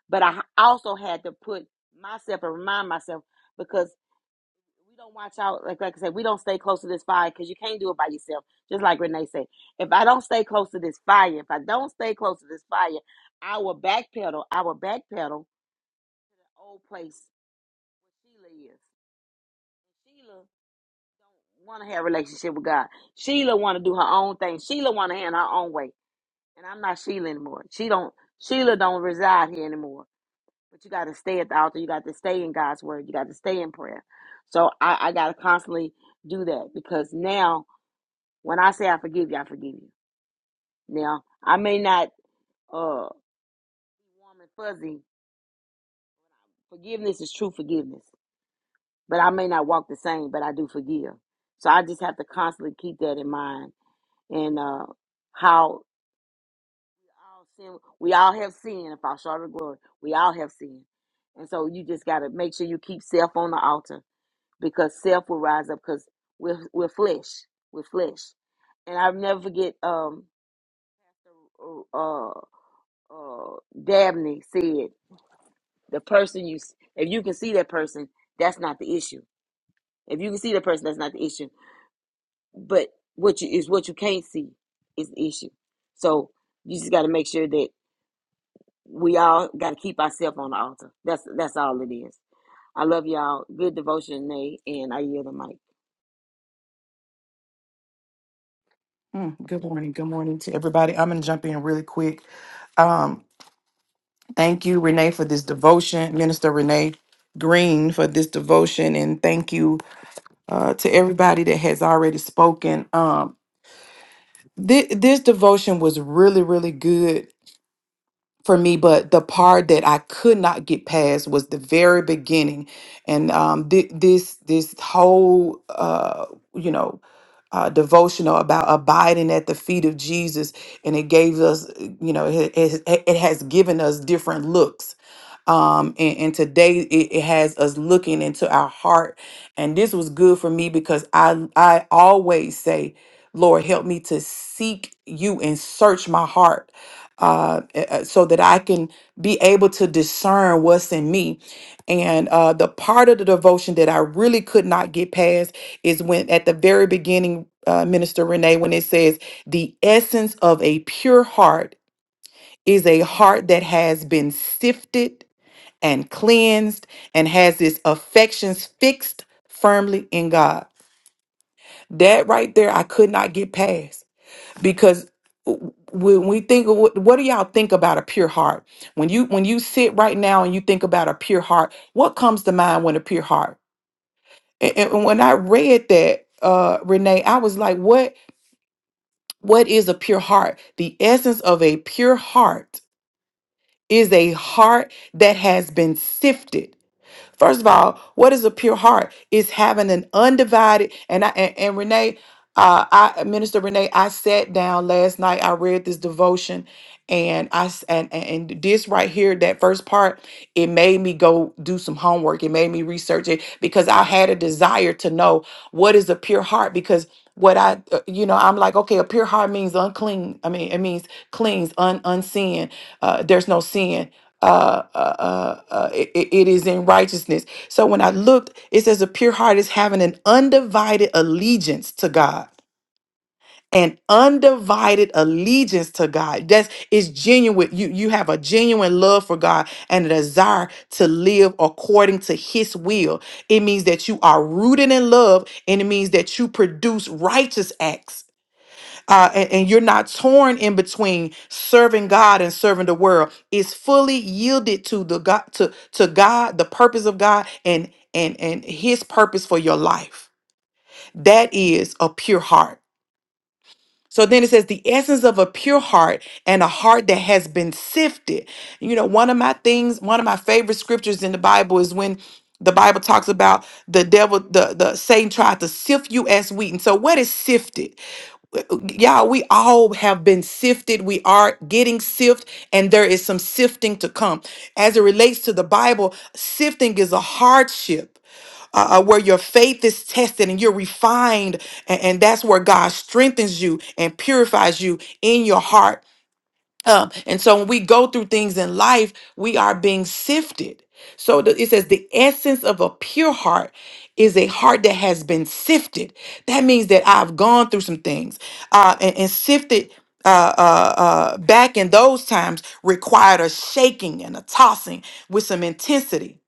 But I also had to put myself and remind myself because we don't watch out, like like I said, we don't stay close to this fire because you can't do it by yourself. Just like Renee said, if I don't stay close to this fire, if I don't stay close to this fire, I will backpedal, I will backpedal to the old place where Sheila is. Sheila don't want to have a relationship with God. Sheila want to do her own thing. Sheila want to handle her own way. and I'm not Sheila anymore. She don't Sheila don't reside here anymore. But you got to stay at the altar. You got to stay in God's word. You got to stay in prayer. So I, I got to constantly do that because now when I say I forgive you, I forgive you. Now I may not uh be warm and fuzzy. Forgiveness is true forgiveness, but I may not walk the same, but I do forgive. So I just have to constantly keep that in mind and uh how all sin. We all have sin and fall short of glory. We all have sin. And so you just got to make sure you keep self on the altar because self will rise up because we're, we're flesh. We're flesh. And I'll never forget um, uh, uh, Dabney said, the person you, s- if you can see that person, that's not the issue. If you can see that person, that's not the issue. But what you is what you can't see is the issue. So you just got to make sure that we all got to keep ourselves on the altar. That's that's all it is. I love y'all. Good devotion, Nate, and I yield the mic.
Mm, Good morning. Good morning to everybody. I'm going to jump in really quick. Um, thank you, Renee, for this devotion, Minister Renee Green, for this devotion, and thank you uh, to everybody that has already spoken. Um, thi- this devotion was really, really good for me, but the part that I could not get past was the very beginning, and um, thi- this this whole uh, you know uh, devotional about abiding at the feet of Jesus, and it gave us you know it, it, it has given us different looks. Um, and, and today it, it has us looking into our heart. And this was good for me because I I always say, Lord, help me to seek you and search my heart. Uh, uh, uh, so that I can be able to discern what's in me. And uh, the part of the devotion that I really could not get past is when at the very beginning, uh, Minister Renee, when it says, the essence of a pure heart is a heart that has been sifted and cleansed and has its affections fixed firmly in God. That right there, I could not get past because w- when we think of what, what do y'all think about a pure heart when you when you sit right now and you think about a pure heart what comes to mind when a pure heart and, and when i read that uh renee i was like what what is a pure heart the essence of a pure heart is a heart that has been sifted. First of all, what is a pure heart? It's having an undivided and I and, and Renee, uh, I Minister Renee, I sat down last night. I read this devotion, and I s- and and and this right here, that first part, it made me go do some homework. It made me research it because I had a desire to know what is a pure heart because. What I, uh, you know, I'm like, okay, a pure heart means unclean. I mean, it means cleans, un, unseen. Uh, there's no sin uh, uh, uh, uh, it, it it is in righteousness. So when I looked, it says a pure heart is having an undivided allegiance to God. An undivided allegiance to God. That's it's genuine. You you have a genuine love for God and a desire to live according to His will. It means that you are rooted in love, and it means that you produce righteous acts uh, and, and you're not torn in between serving God and serving the world. It's fully yielded to the God to to God, the purpose of God, and and and His purpose for your life. That is a pure heart. So then it says the essence of a pure heart and a heart that has been sifted. You know, one of my things, one of my favorite scriptures in the Bible is when the Bible talks about the devil, the the Satan tried to sift you as wheat. And so, what is sifted? y'all we all have been sifted we are getting sifted, and there is some sifting to come as it relates to the bible sifting is a hardship uh, uh, where your faith is tested and you're refined and, and that's where god strengthens you and purifies you in your heart um, and so when we go through things in life, we are being sifted. So the, it says the essence of a pure heart is a heart that has been sifted. That means that I've gone through some things uh, and, and sifted. Uh, uh, uh, back in those times, required a shaking and a tossing with some intensity.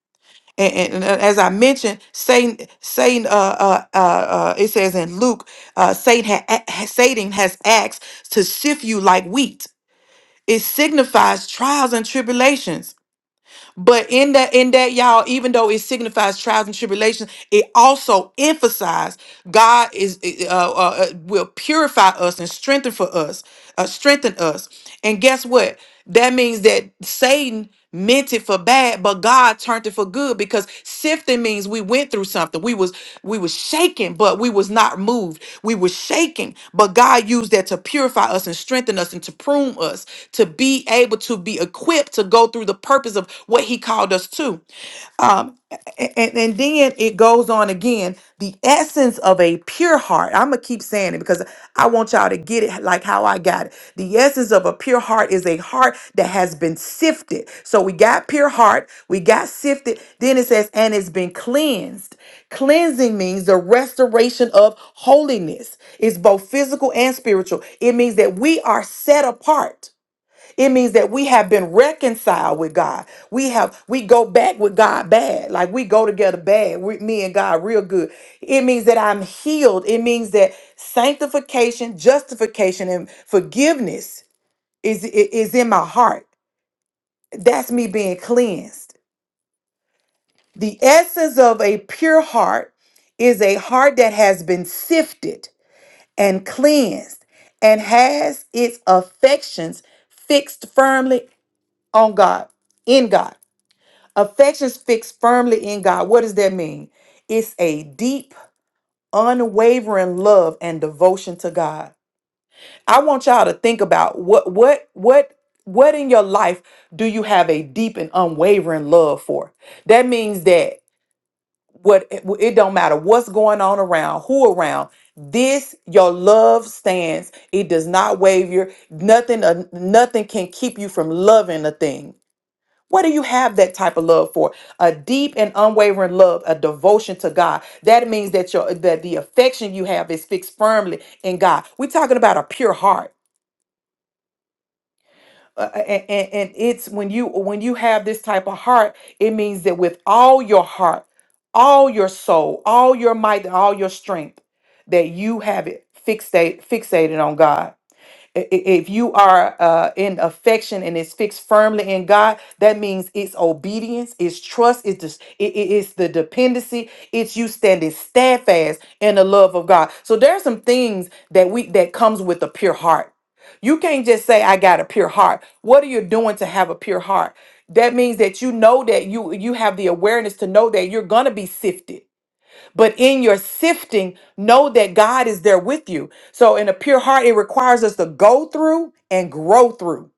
And, and- and uh, as I mentioned, Satan, Satan, uh, uh, uh, uh, it says in Luke, uh, Satan, ha- Satan has acts to sift you like wheat it signifies trials and tribulations but in that in that y'all even though it signifies trials and tribulations it also emphasizes god is eh, eh, uh, uh, uh, will purify us and strengthen for us uh, strengthen us and guess what that means that satan meant it for bad but but God turned it for good because sifting means we went through something. We was we was shaken, but we was not moved. We was shaking, but God used that to purify us and strengthen us and to prune us to be able to be equipped to go through the purpose of what he called us to. Um, a- a- and then it goes on again. The essence of a pure heart. I'm gonna keep saying it because I want y'all to get it like how I got it. The essence of a pure heart is a heart that has been sifted. So we got pure heart, we got sifted. Then it says, and it's been cleansed. Cleansing means the restoration of holiness. It's both physical and spiritual. It means that we are set apart. It means that we have been reconciled with God. We have we go back with God bad, like we go together bad. We, me and God real good. It means that I'm healed. It means that sanctification, justification, and forgiveness is i- is in my heart. That's me being cleansed. The essence of a pure heart is a heart that has been sifted and cleansed and has its affections fixed firmly on God, in God. Affections fixed firmly in God. What does that mean? It's a deep, unwavering love and devotion to God. I want y'all to think about what what what what in your life do you have a deep and unwavering love for? That means that what it don't matter what's going on around, who around, this your love stands. It does not waver. Nothing uh, nothing can keep you from loving a thing. What do you have that type of love for? A deep and unwavering love, a devotion to God. That means that your that the affection you have is fixed firmly in God. We're talking about a pure heart. Uh, uh, and, and, and it's when you when you have this type of heart, it means that with all your heart, all your soul, all your might, and all your strength, that you have it fixate, fixated on God. I- i- If you are uh, in affection and it's fixed firmly in God, that means it's obedience, it's trust, it's just, it, it- it's the dependency, it's you standing steadfast in the love of God. So there are some things that we that comes with a pure heart. You can't just say I got a pure heart. What are you doing to have a pure heart? That means that you know that you you have the awareness to know that you're gonna be sifted but in your sifting, know that God is there with you. So, in a pure heart, it requires us to go through and grow through.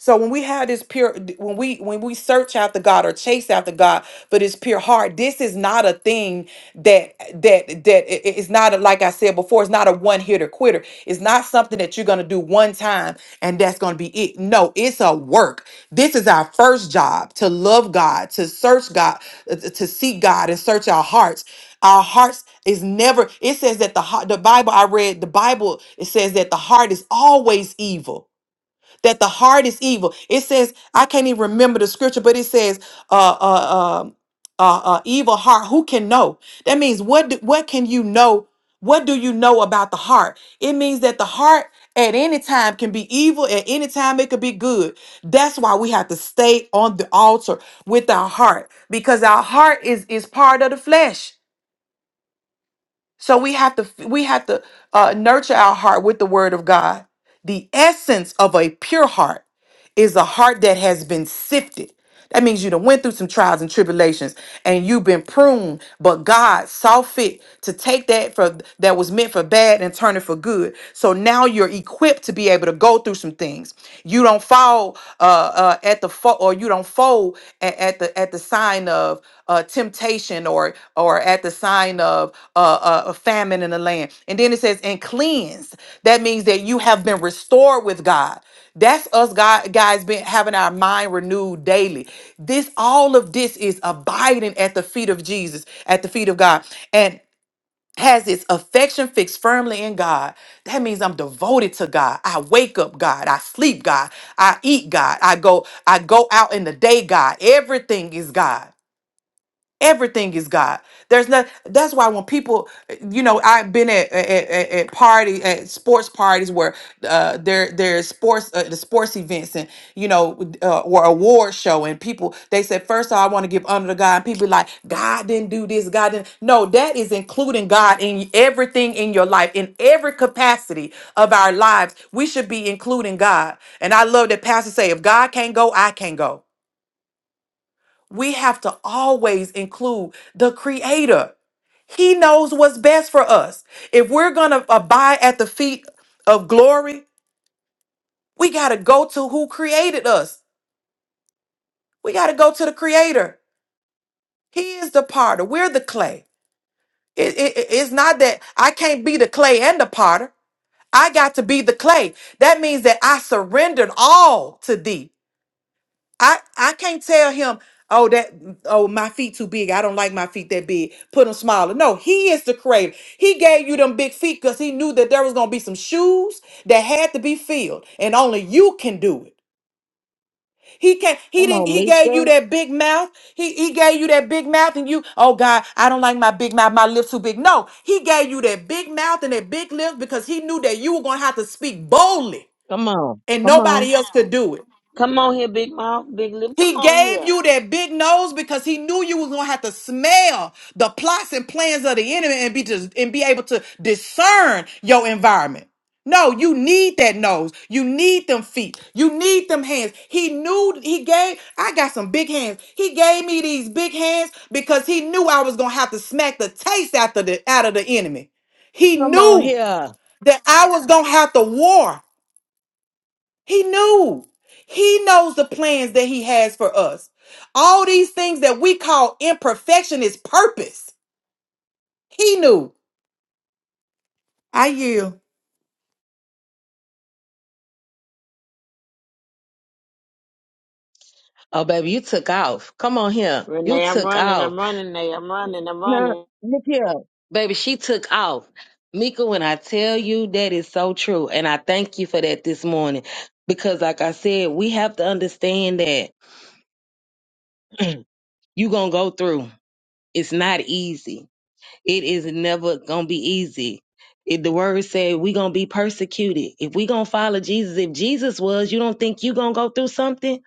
So when we have this pure, when we when we search after God or chase after God for this pure heart, this is not a thing that that that i- i- it's not a, like I said before. It's not a one hitter quitter. It's not something that you're gonna do one time and that's gonna be it. No, it's a work. This is our first job to love God, to search God, uh, to seek God and search our hearts. Our hearts is never. It says that the heart. The Bible I read. The Bible it says that the heart is always evil that the heart is evil. It says, I can't even remember the scripture, but it says, uh, uh, um, uh, uh, evil heart, who can know? That means what, do, what can you know? What do you know about the heart? It means that the heart at any time can be evil, at any time it could be good. That's why we have to stay on the altar with our heart because our heart is, is part of the flesh. So we have to we have to uh, nurture our heart with the Word of God. The essence of a pure heart is a heart that has been sifted. That means you done went through some trials and tribulations, and you've been pruned. But God saw fit to take that for that was meant for bad and turn it for good. So now you're equipped to be able to go through some things. You don't fall uh, uh, at the fo- or you don't fold at, at the at the sign of uh, temptation or or at the sign of uh, uh, a famine in the land. And then it says, and cleanse. That means that you have been restored with God. That's us God, guys been having our mind renewed daily. This all of this is abiding at the feet of Jesus, at the feet of God. And has its affection fixed firmly in God, that means I'm devoted to God. I wake up God, I sleep God, I eat God, I go I go out in the day God. Everything is God. Everything is God. There's not. That's why when people, you know, I've been at at, at, at party at sports parties where uh, there there's sports uh, the sports events and you know uh, or award show and people they said first of all, I want to give honor to God and people be like God didn't do this God didn't no that is including God in everything in your life in every capacity of our lives we should be including God and I love that pastor say if God can't go I can go we have to always include the creator. He knows what's best for us. If we're going to abide at the feet of glory, we got to go to who created us. We got to go to the creator. He is the potter. We're the clay. It- it- it- it's not that I can't be the clay and the potter. I got to be the clay. That means that I surrendered all to thee. I I can't tell him, oh that oh my feet too big. I don't like my feet that big. Put them smaller. No, he is the creator. He gave you them big feet because he knew that there was gonna be some shoes that had to be filled, and only you can do it. He can't. He
Come
didn't.
on,
He gave you
Mika.
that big mouth. He he gave you that big mouth, and you. Oh God, I don't like my big mouth. My lips too big. No, he gave you that big mouth and that big lips because he knew that you were gonna have to speak boldly,
Come on.
and
Come on.
nobody else could do it.
Come on here, big mouth, big lip. Come
He
on
gave
here,
you that big nose because he knew you was gonna have to smell the plots and plans of the enemy and be just and be able to discern your environment. No, you need that nose. You need them feet. You need them hands. He knew he gave. I got some big hands. He gave me these big hands because he knew I was gonna have to smack the taste out of the out of the enemy. He
Come on
knew
here.
that I was gonna have to war. He knew. He knows the plans that he has for us. All these things that we call imperfection is purpose. He knew. I yield.
Oh, baby, you took off. Come on here. You
Renee. I'm
took
running.
off.
I'm running, Nate. I'm running. I'm
Now,
running.
look here. Baby, she took off. Mika, when I tell you that is so true, and I thank you for that this morning, because like I said, we have to understand that you going to go through. It's not easy. It is never gonna be easy. It, the word said we gonna be persecuted. If we gonna follow Jesus, if Jesus was, you don't think you gonna go through something?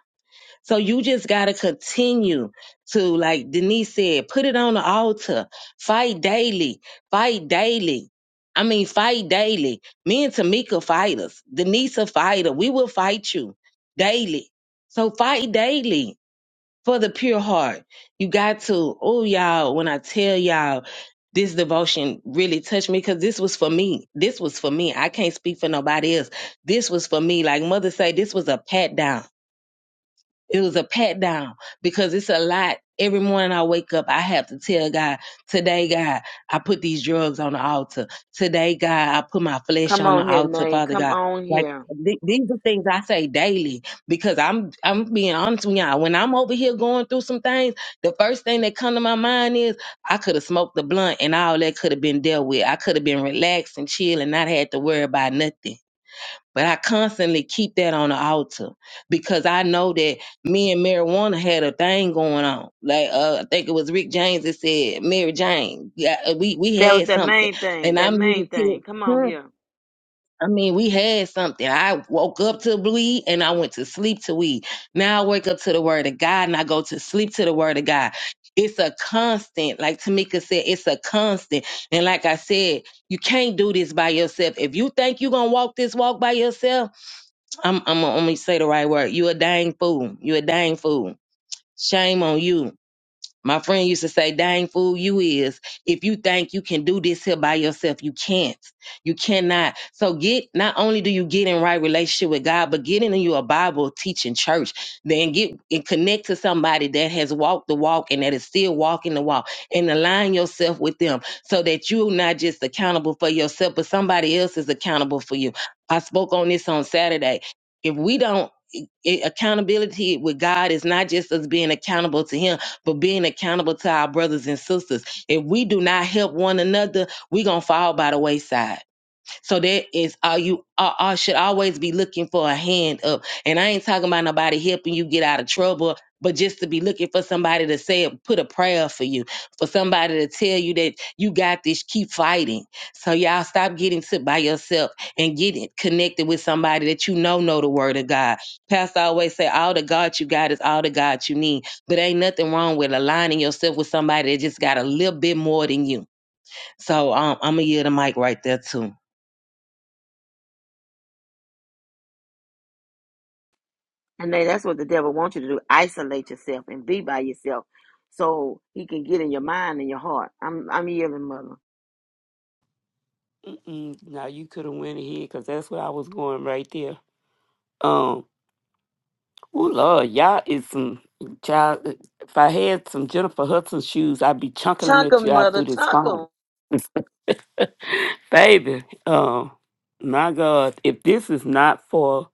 So you just gotta continue to, like Denise said, put it on the altar. Fight daily. Fight daily. I mean, fight daily. Me and Tamika fighters. Denise a fighter. We will fight you daily. So fight daily for the pure heart. You got to, oh, y'all, when I tell y'all this devotion really touched me because this was for me. This was for me. I can't speak for nobody else. This was for me. Like mother say, this was a pat down it was a pat down because it's a lot. Every morning I wake up, I have to tell God, today, God, I put these drugs on the altar. Today, God, I put my flesh
Come
on the
on here,
altar,
Nate.
Father
Come
God.
on
Like
here.
th- these are things I say daily because I'm I'm being honest with y'all. When I'm over here going through some things, the first thing that come to my mind is I could have smoked the blunt and all that could have been dealt with. I could have been relaxed and chill and not had to worry about nothing but I constantly keep that on the altar because I know that me and marijuana had a thing going on. Like uh, I think it was Rick James that said Mary Jane. Yeah, we we
That was
had
that
something,
main thing.
and i
That
mean,
main
to
thing.
tell.
Come on
her,
here,
I mean, we had something. I woke up to weed and I went to sleep to weed. Now I wake up to the word of God and I go to sleep to the word of God. It's a constant, like Tamika said, it's a constant. And like I said, you can't do this by yourself. If you think you're gonna walk this walk by yourself, I'm I'm gonna only say the right word. You a dang fool. You a dang fool. Shame on you. My friend used to say, dang fool, you is. If you think you can do this here by yourself, you can't. You cannot. So get, not only do you get in right relationship with God, but get into your Bible teaching church. Then get and connect to somebody that has walked the walk and that is still walking the walk and align yourself with them so that you're not just accountable for yourself, but somebody else is accountable for you. I spoke on this on Saturday. If we don't, i- accountability with God is not just us being accountable to Him but being accountable to our brothers and sisters. If we do not help one another, we're going to fall by the wayside so that is all you I, I should always be looking for a hand up. And I ain't talking about nobody helping you get out of trouble, but just to be looking for somebody to say put a prayer for you, for somebody to tell you that you got this, keep fighting. So y'all stop getting sick by yourself and get it connected with somebody that you know know the word of God. Pastor always say all the God you got is all the God you need. But ain't nothing wrong with aligning yourself with somebody that just got a little bit more than you. So um, I'm gonna yield the mic right there too.
and Nate. That's what the devil wants you to do. Isolate yourself and be by yourself, so he can get in your mind and your heart. I'm I'm yielding, mother.
Mm-mm. Now you could have went ahead because that's where I was going right there. Um, oh Lord, y'all is some child. uh, If I had some Jennifer Hudson shoes, I'd be chunking them
Chunk
at
'em,
you out
mother.
through this
Chunk
phone,
'em.
baby. Um, my God, if this is not for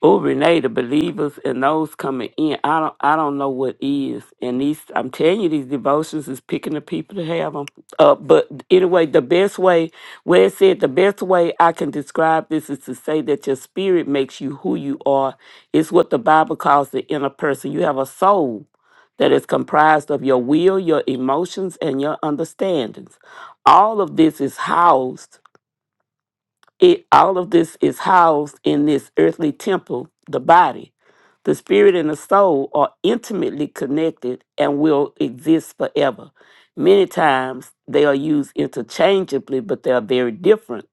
Oh, Renee, the believers and those coming in, I don't, I don't know what is. And these, I'm telling you, these devotions is picking the people to have them. Uh, but anyway, the best way, where it said, the best way I can describe this is to say that your spirit makes you who you are. It's what the Bible calls the inner person. You have a soul that is comprised of your will, your emotions, and your understandings. All of this is housed it, all of this is housed in this earthly temple, the body. The spirit and the soul are intimately connected and will exist forever. Many times they are used interchangeably, but they are very different.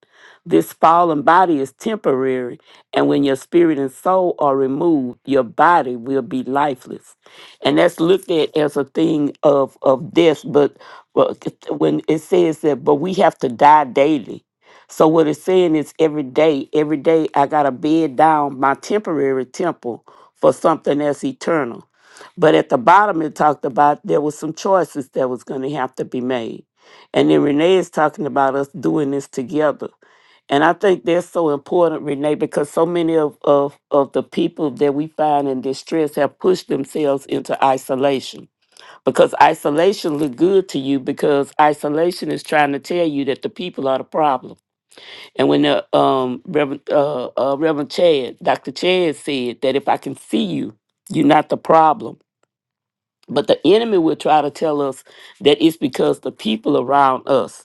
This fallen body is temporary, and when your spirit and soul are removed, your body will be lifeless. And that's looked at as a thing of, of death, but but when it says that, but we have to die daily so what it's saying is every day, every day I gotta bed down my temporary temple for something that's eternal. But at the bottom it talked about there was some choices that was gonna have to be made. And then Renee is talking about us doing this together. And I think that's so important, Renee, because so many of, of, of the people that we find in distress have pushed themselves into isolation. Because isolation look good to you because isolation is trying to tell you that the people are the problem and when the um, Reverend uh, uh, Reverend Chad, Dr. Chad said that if I can see you, you're not the problem. But the enemy will try to tell us that it's because the people around us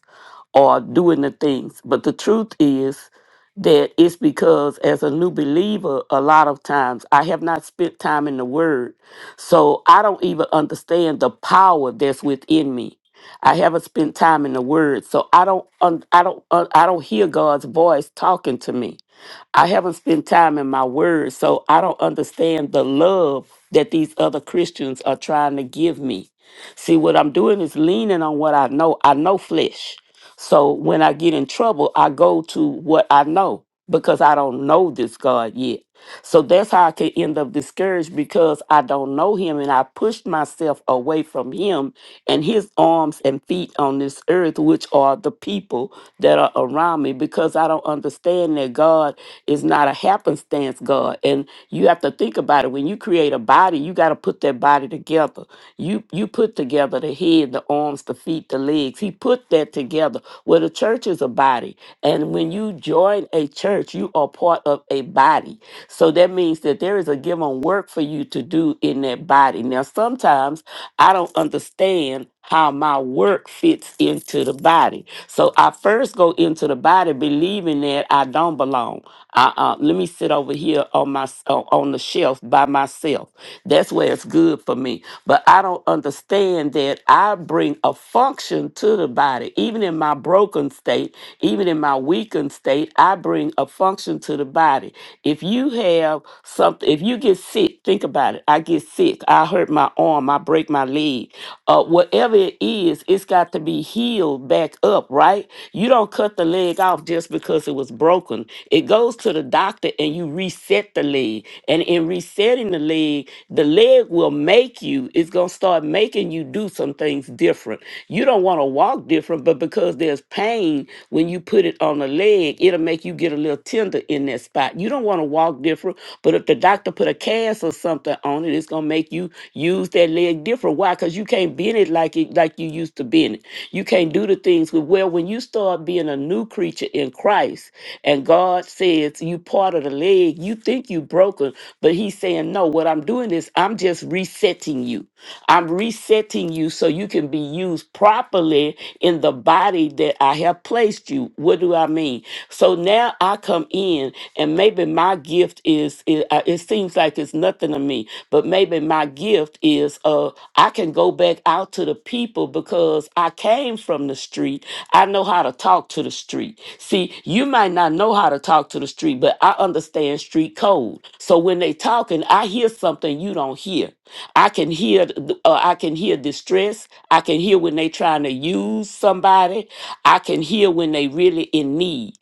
or doing the things. But the truth is that it's because as a new believer, a lot of times I have not spent time in the Word. So I don't even understand the power that's within me. I haven't spent time in the Word, so I don't, un- I don't, un- I don't hear God's voice talking to me. I haven't spent time in my Word, so I don't understand the love that these other Christians are trying to give me. See, what I'm doing is leaning on what I know. I know flesh. So when I get in trouble, I go to what I know because I don't know this God yet. So that's how I could end up discouraged because I don't know him and I pushed myself away from him and his arms and feet on this earth, which are the people that are around me, because I don't understand that God is not a happenstance God. And you have to think about it. When you create a body, you got to put that body together. You you put together the head, the arms, the feet, the legs. He put that together. Well, the church is a body. And when you join a church, you are part of a body. So that means that there is a given work for you to do in that body. Now, sometimes I don't understand how my work fits into the body. So I first go into the body believing that I don't belong. Uh, uh, let me sit over here on my on on the shelf by myself. That's where it's good for me. But I don't understand that I bring a function to the body that even in my broken state, even in my weakened state, I bring a function to the body. If you have something, if you get sick, think about it. I get sick, I hurt my arm, I break my leg. Uh, whatever it is, it's got to be healed back up, right? You don't cut the leg off just because it was broken. It goes to the doctor and you reset the leg. And in resetting the leg, the leg will make you, it's going to start making making you do some things different. You don't want to walk different, but because there's pain when you put it on a leg, it'll make you get a little tender in that spot. You don't want to walk different, but if the doctor put a cast or something on it, it's gonna make you use that leg different. Why? Because you can't bend it like it like you used to bend it. You can't do the things with well when you start being a new creature in Christ and God says you part of the leg, you think you broken, but he's saying no. What what I'm doing is I'm just resetting you. I'm resetting you so you can be used properly in the body that I have placed you. What do I mean? So now I come in, and maybe my gift is it, uh, it seems like it's nothing to me, but maybe my gift is uh I can go back out to the people because I came from the street. I know how to talk to the street. See, you might not know how to talk to the street, but I understand street code. So when they talking, I hear something you don't hear. I can hear th- uh, I can hear distress. I can hear when they trying to use somebody. I can hear when they really in need.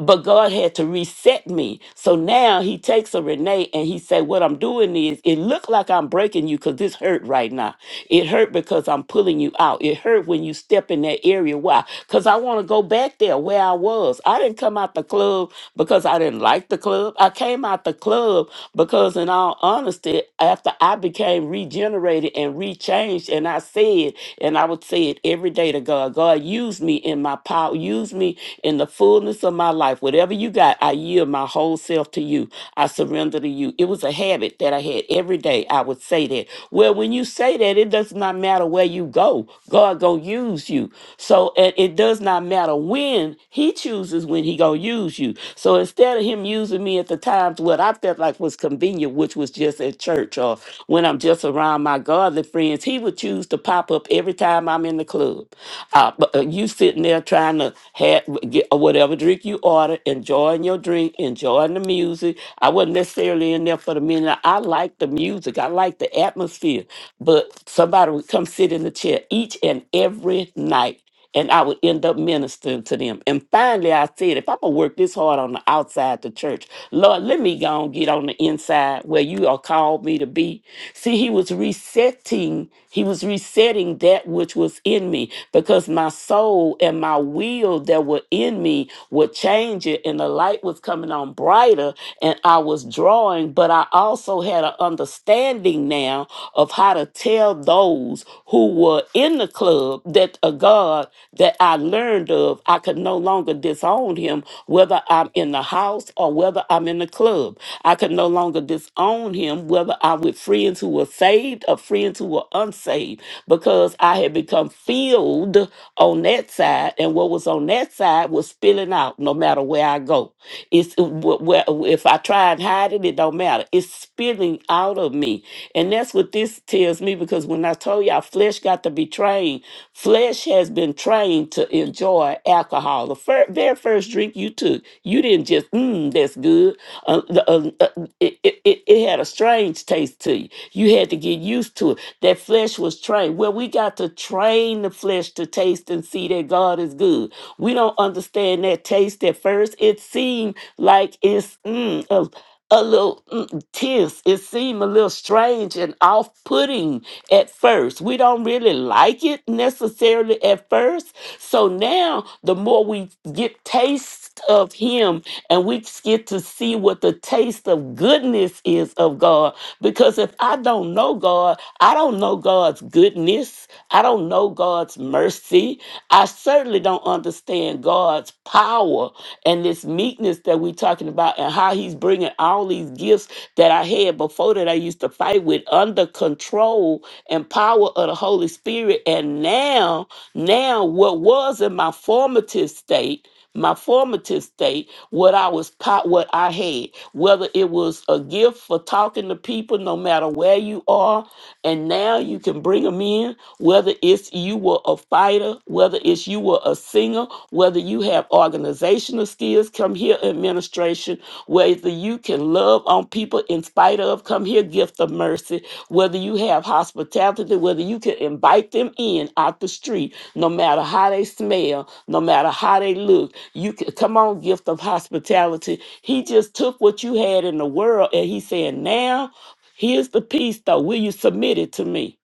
But God had to reset me. So now he takes a Renee and he said, what I'm doing is it looked like I'm breaking you because this hurt right now. It hurt because I'm pulling you out. It hurt when you step in that area. Why? Because I want to go back there where I was. I didn't come out the club because I didn't like the club. I came out the club because, in all honesty, after I became regenerated and rechanged, and I said, and I would say it every day to God, God, use me in my power, use me in the fullness of my life. Whatever you got, I yield my whole self to you. I surrender to you. It was a habit that I had every day. I would say that. Well, when you say that, it does not matter where you go. God gonna gonna use you. So it, it does not matter when he chooses when he gonna use you. So instead of him using me at the times what I felt like was convenient, which was just at church or when I'm just around my godly friends, he would choose to pop up every time I'm in the club. Uh, but uh, you sitting there trying to have get uh, whatever drink you order, enjoying your drink, enjoying the music. I wasn't necessarily in there for the minute. I like the music. I like the atmosphere but somebody would come sit in the chair each and every night and I would end up ministering to them. And finally I said, if I'm gonna work this hard on the outside the church, Lord, let me go and get on the inside where you are called me to be See, he was resetting, he was resetting that which was in me because my soul and my will that were in me were changing and the light was coming on brighter and I was drawing, but I also had an understanding now of how to tell those who were in the club that a God that I learned of, I could no longer disown him, whether I'm in the house or whether I'm in the club. I could no longer disown him, whether I'm with friends who were saved or friends who were unsaved, because I had become filled on that side, and what was on that side was spilling out no matter where I go. It's wh- wh- if I try and hide it, it don't matter. It's spilling out of me. And that's what this tells me because when I told you our flesh got to be trained, Flesh has been trained to enjoy alcohol. The fir- very first drink you took, you didn't just, mm, that's good. Uh, the- uh, uh, it, it, it it had a strange taste to you. You had to get used to it. That flesh was trained. Well, we got to train the flesh to taste and see that God is good. We don't understand that taste at first. It seemed like it's mm, a little mm, tense. It seemed a little strange and off putting at first. We don't really like it necessarily at first. So now, the more we get taste of Him and we get to see what the taste of goodness is of God, because if I don't know God, I don't know God's goodness, I don't know God's mercy, I certainly don't understand God. God's power and this meekness that we're talking about, and how He's bringing all these gifts that I had before that I used to fight with under control and power of the Holy Spirit. And now, now what was in my formative state my formative state, what I was po- what I had, whether it was a gift for talking to people no matter where you are, and now you can bring them in, whether it's you were a fighter, whether it's you were a singer, whether you have organizational skills, come here administration, whether you can love on people in spite of, come here, gift of mercy, whether you have hospitality, whether you can invite them in out the street, no matter how they smell, no matter how they look, you can come on, gift of hospitality. He just took what you had in the world and he said, Now here's the piece though. Will you submit it to me?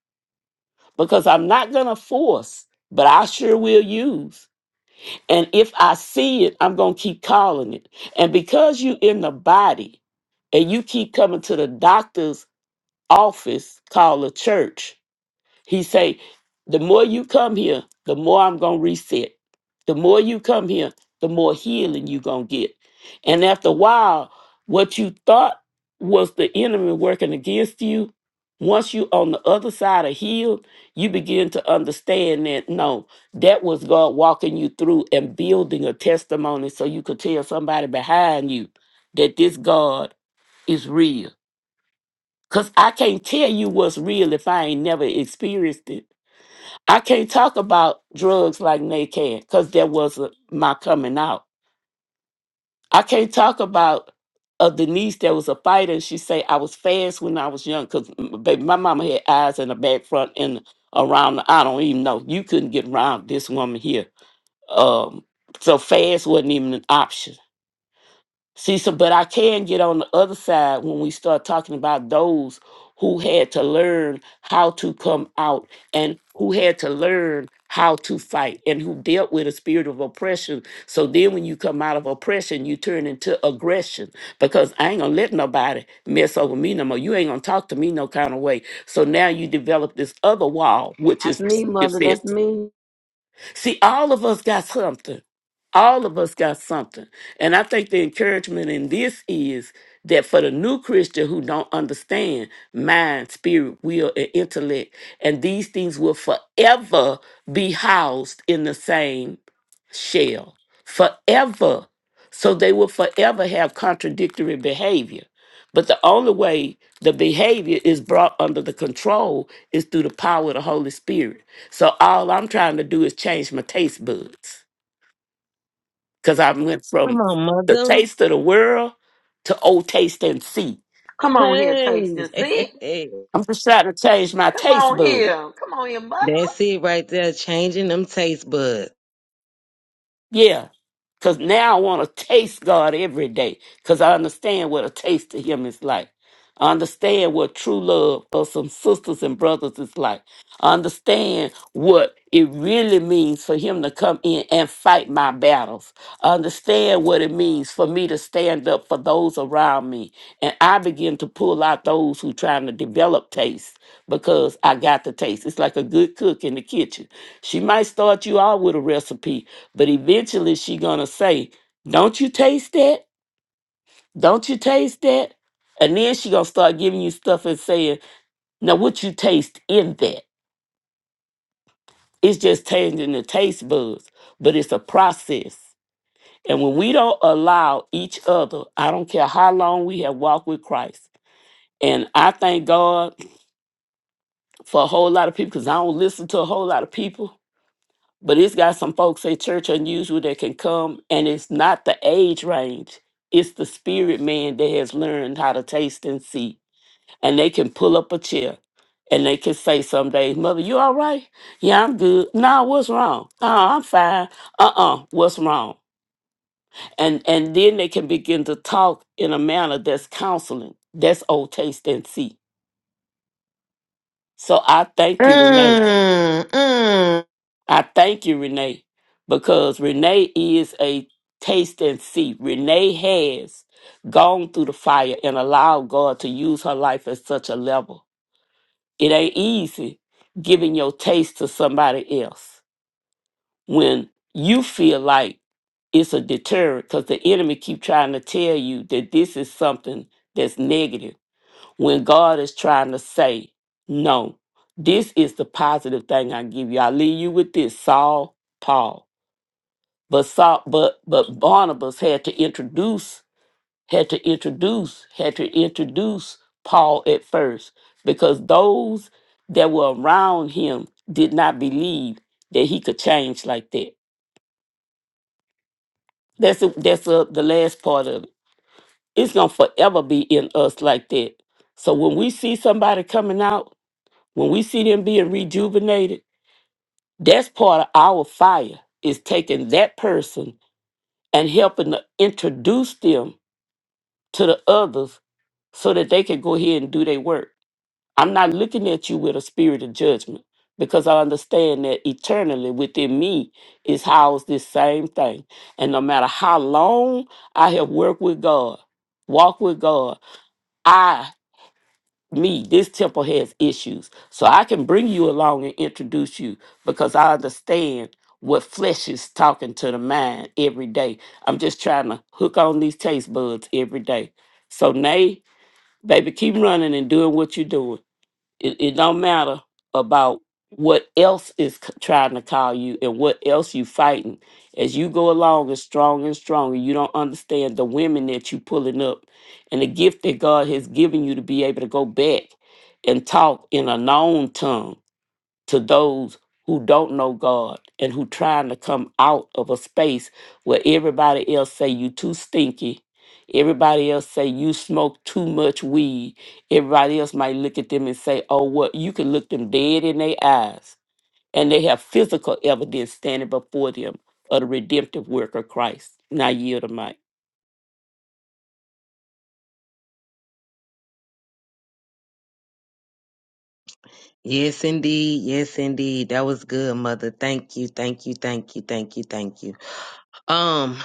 Because I'm not gonna force, but I sure will use. And if I see it, I'm going to keep calling it. And because you in the body and you keep coming to the doctor's office called a church, he say, the more you come here, the more I'm gonna reset. The more you come here, the more healing you gonna get. And after a while, what you thought was the enemy working against you, once you on the other side of healed, you begin to understand that no, that was God walking you through and building a testimony so you could tell somebody behind you that this God is real. Cause I can't tell you what's real if I ain't never experienced it. I can't talk about drugs like Nay can because that was a, my coming out. I can't talk about a Denise that was a fighter. and She say I was fast when I was young because baby, my mama had eyes in the back, front, and around. The, I don't even know. You couldn't get around this woman here. Um, so fast wasn't even an option. See, so but I can get on the other side when we start talking about those who had to learn how to come out and who had to learn how to fight and who dealt with a spirit of oppression. So then when you come out of oppression, you turn into aggression because I ain't gonna let nobody mess over me no more. You ain't gonna talk to me no kind of way. So now you develop this other wall, which
That's
is
me,
it
mother.
says
That's me.
See, all of us got something. All of us got something. And I think the encouragement in this is that for the new Christian who don't understand mind, spirit, will, and intellect, and these things will forever be housed in the same shell. Forever. So they will forever have contradictory behavior. But the only way the behavior is brought under the control is through the power of the Holy Spirit. So all I'm trying to do is change my taste buds because I went
Come
from
on,
the
mother.
taste of the world to old taste and see.
Come on here, tasting. see.
Hey.
I'm just trying to change my
Come
taste
on here.
buds,
Come on here, mother.
That's it right there. Changing them taste buds.
Yeah. Because now I want to taste God every day. Because I understand what a taste to Him is like. I understand what true love of some sisters and brothers is like. I understand what it really means for Him to come in and fight my battles. I understand what it means for me to stand up for those around me. And I begin to pull out those who trying to develop taste because I got the taste. It's like a good cook in the kitchen. She might start you out with a recipe, but eventually she gonna say, Don't you taste that? Don't you taste that? And then she gonna start giving you stuff and saying, Now what you taste in that? It's just changing the taste buds, but it's a process. And when we don't allow each other, I don't care how long we have walked with Christ. And I thank God for a whole lot of people because I don't listen to a whole lot of people. But it's got some folks at Church Unusual that can come, and it's not the age range, it's the spirit man that has learned how to taste and see. And they can pull up a chair and they can say some days, Mother, you all right? Yeah, I'm good. Nah, what's wrong? Nah, I'm fine. Uh uh-uh, uh, what's wrong? And and then they can begin to talk in a manner that's counseling. That's old taste and see. So I thank you, Renee.
Mm, mm.
I thank you, Renee, because Renee is a taste and see. Renee has gone through the fire and allowed God to use her life at such a level. It ain't easy giving your taste to somebody else when you feel like it's a deterrent because the enemy keep trying to tell you that this is something that's negative when God is trying to say, no, this is the positive thing I give you. I leave you with this, Saul, Paul. But Saul, but but Barnabas had to introduce had to introduce had to introduce Paul at first because those that were around him did not believe that he could change like that. That's the- that's the the last part of it. It's gonna forever be in us like that. So when we see somebody coming out, when we see them being rejuvenated, that's part of our fire is taking that person and helping to introduce them to the others so that they can go ahead and do their work. I'm not looking at you with a spirit of judgment because I understand that eternally within me is housed this same thing. And no matter how long I have worked with God, walked with God, I, me, this temple has issues. So I can bring you along and introduce you because I understand what flesh is talking to the mind every day. I'm just trying to hook on these taste buds every day. So, Nay, Baby, keep running and doing what you're doing. It, it don't matter about what else is c- trying to call you and what else you fighting. As you go along and stronger and stronger, you don't understand the women that you pulling up and the gift that God has given you to be able to go back and talk in a known tongue to those who don't know God and who trying to come out of a space where everybody else say you too stinky. Everybody else say you smoke too much weed. Everybody else might look at them and say, "Oh, what?" You can look them dead in their eyes, and they have physical evidence standing before them of the redemptive work of Christ. Now yield the mic.
Yes, indeed. Yes, indeed. That was good, mother. Thank you. Thank you. Thank you. Thank you. Thank you. Um,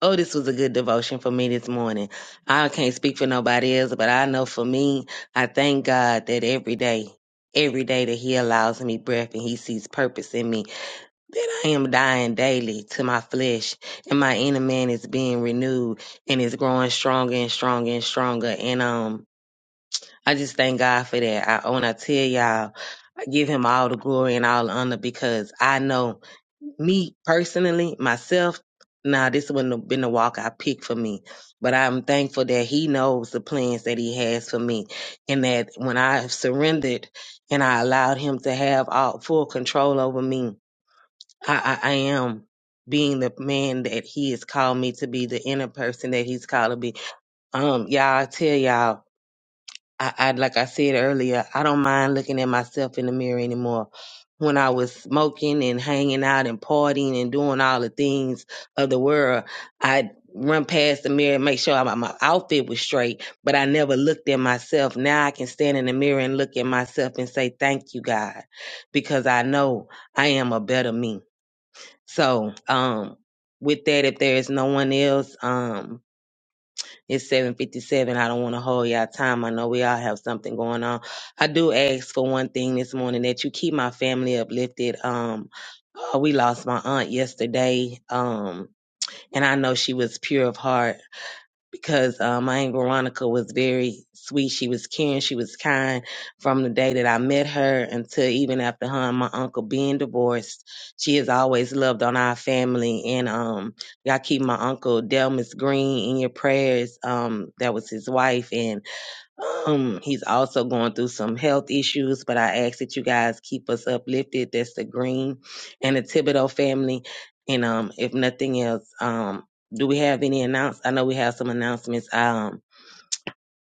oh, this was a good devotion for me this morning. I can't speak for nobody else, but I know for me, I thank God that every day, every day that He allows me breath and He sees purpose in me that I am dying daily to my flesh, and my inner man is being renewed and is growing stronger and stronger and stronger. And um, I just thank God for that. I when I tell y'all, I give Him all the glory and all the honor because I know me personally, myself. Nah, this wouldn't have been the walk I picked for me, but I'm thankful that He knows the plans that He has for me, and that when I have surrendered and I allowed Him to have all full control over me I, I, I am being the man that he has called me to be, the inner person that he's called to be. Um, y'all, I tell y'all, I, I like I said earlier, I don't mind looking at myself in the mirror anymore. When I was smoking and hanging out and partying and doing all the things of the world, I'd run past the mirror and make sure my, my outfit was straight, but I never looked at myself. Now I can stand in the mirror and look at myself and say, Thank you, God, because I know I am a better me. So, um, with that, if there is no one else, um, it's seven fifty seven. I don't want to hold y'all time. I know we all have something going on. I do ask for one thing this morning that you keep my family uplifted. Um, uh, we lost my aunt yesterday. Um, and I know she was pure of heart because uh, my aunt Veronica was very sweet. She was caring. She was kind from the day that I met her until even after her and my uncle being divorced. She has always loved on our family. And um, y'all keep my uncle Delmas Green in your prayers. Um, that was his wife. And um, he's also going through some health issues, but I ask that you guys keep us uplifted. That's the Green and the Thibodeau family. And um, if nothing else, um, do we have any announce? I know we have some announcements. Um,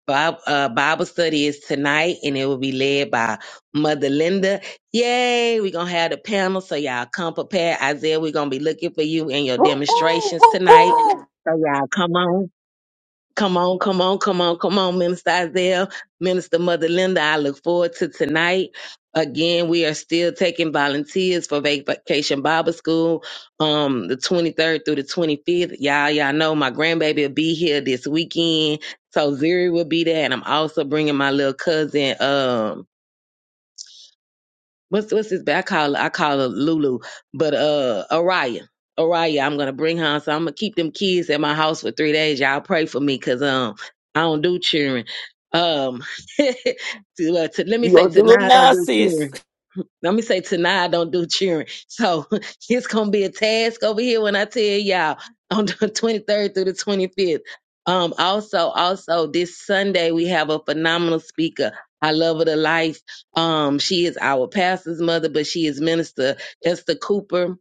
Bob, uh, Bible study is tonight, and it will be led by Mother Linda. Yay! We're gonna have the panel, so y'all come prepared. Isaiah, we're gonna be looking for you and your
Woo, woo,
demonstrations
woo,
tonight.
woo.
So y'all come on. Come on, come on, come on, come on, Minister Isaiah, Minister Mother Linda. I look forward to tonight. Again, we are still taking volunteers for Vacation Bible School, um, the 23rd through the 25th. Y'all, y'all know my grandbaby will be here this weekend, so Zuri will be there, and I'm also bringing my little cousin, um, what's what's his I call her I call her Lulu, but uh Araya. Araya, I'm gonna bring her on. So I'm gonna keep them kids at my house for three days. Y'all pray for me because um I don't do cheering. Um to, uh, to, let me
You
say
gonna do
tonight
them
I don't
now,
do cheering.
sis?
Let me say tonight I don't do cheering. So it's gonna be a task over here when I tell y'all on the 23rd through the 25th. Um, also, also this Sunday we have a phenomenal speaker. I love her to life. Um, she is our pastor's mother, but she is Minister Esther Cooper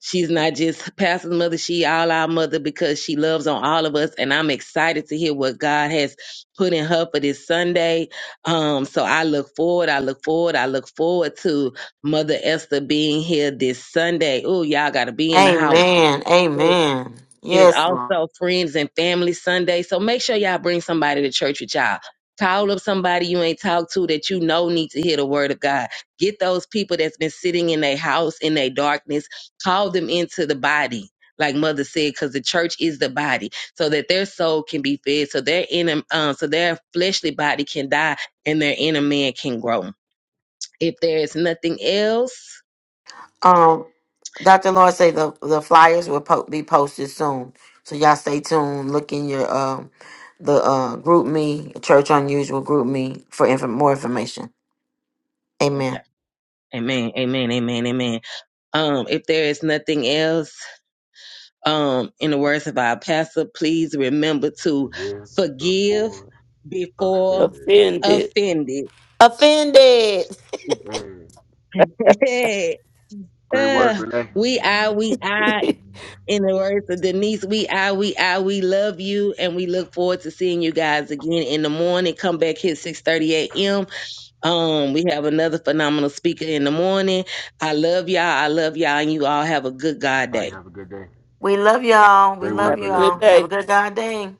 She's not just pastor's mother, she all our mother because she loves on all of us. And I'm excited to hear what God has put in her for this Sunday. Um, so I look forward, I look forward, I look forward to Mother Esther being here this Sunday. Oh, y'all gotta be in the house.
Amen. Amen.
It is
Yes, Lord.
also friends and family Sunday. So make sure y'all bring somebody to church with y'all. Call up somebody you ain't talked to that you know need to hear the word of God. Get those people that's been sitting in their house in their darkness. Call them into the body, like Mother said, because the church is the body, so that their soul can be fed, so their inner, um, so their fleshly body can die and their inner man can grow. If there is nothing else,
Um, Dr. Lord say the, the flyers will po- be posted soon. So y'all stay tuned. Look in your um the uh group me, Church Unusual group me for inf- more information.
okay.
Amen.
Amen. Amen. Amen. Amen. Um, if there is nothing else. um, in the words of our pastor, please remember to
forgive
forgive
before
before
offended.
Offended.
offended.
Offended.
Hey, great work,
Uh,
Renee.
we are, we are, in the words of Denise, we are, we are, we love you, and we look forward to seeing you guys again in the morning. Come back here 6:30 a.m. Um, we have another phenomenal speaker in the morning. I love y'all. I love y'all, and you all have a good God
Everybody
day.
have a good day.
We love y'all. We
Great
love
work,
have a
Renee.
y'all.
good
Have
day.
a good God day.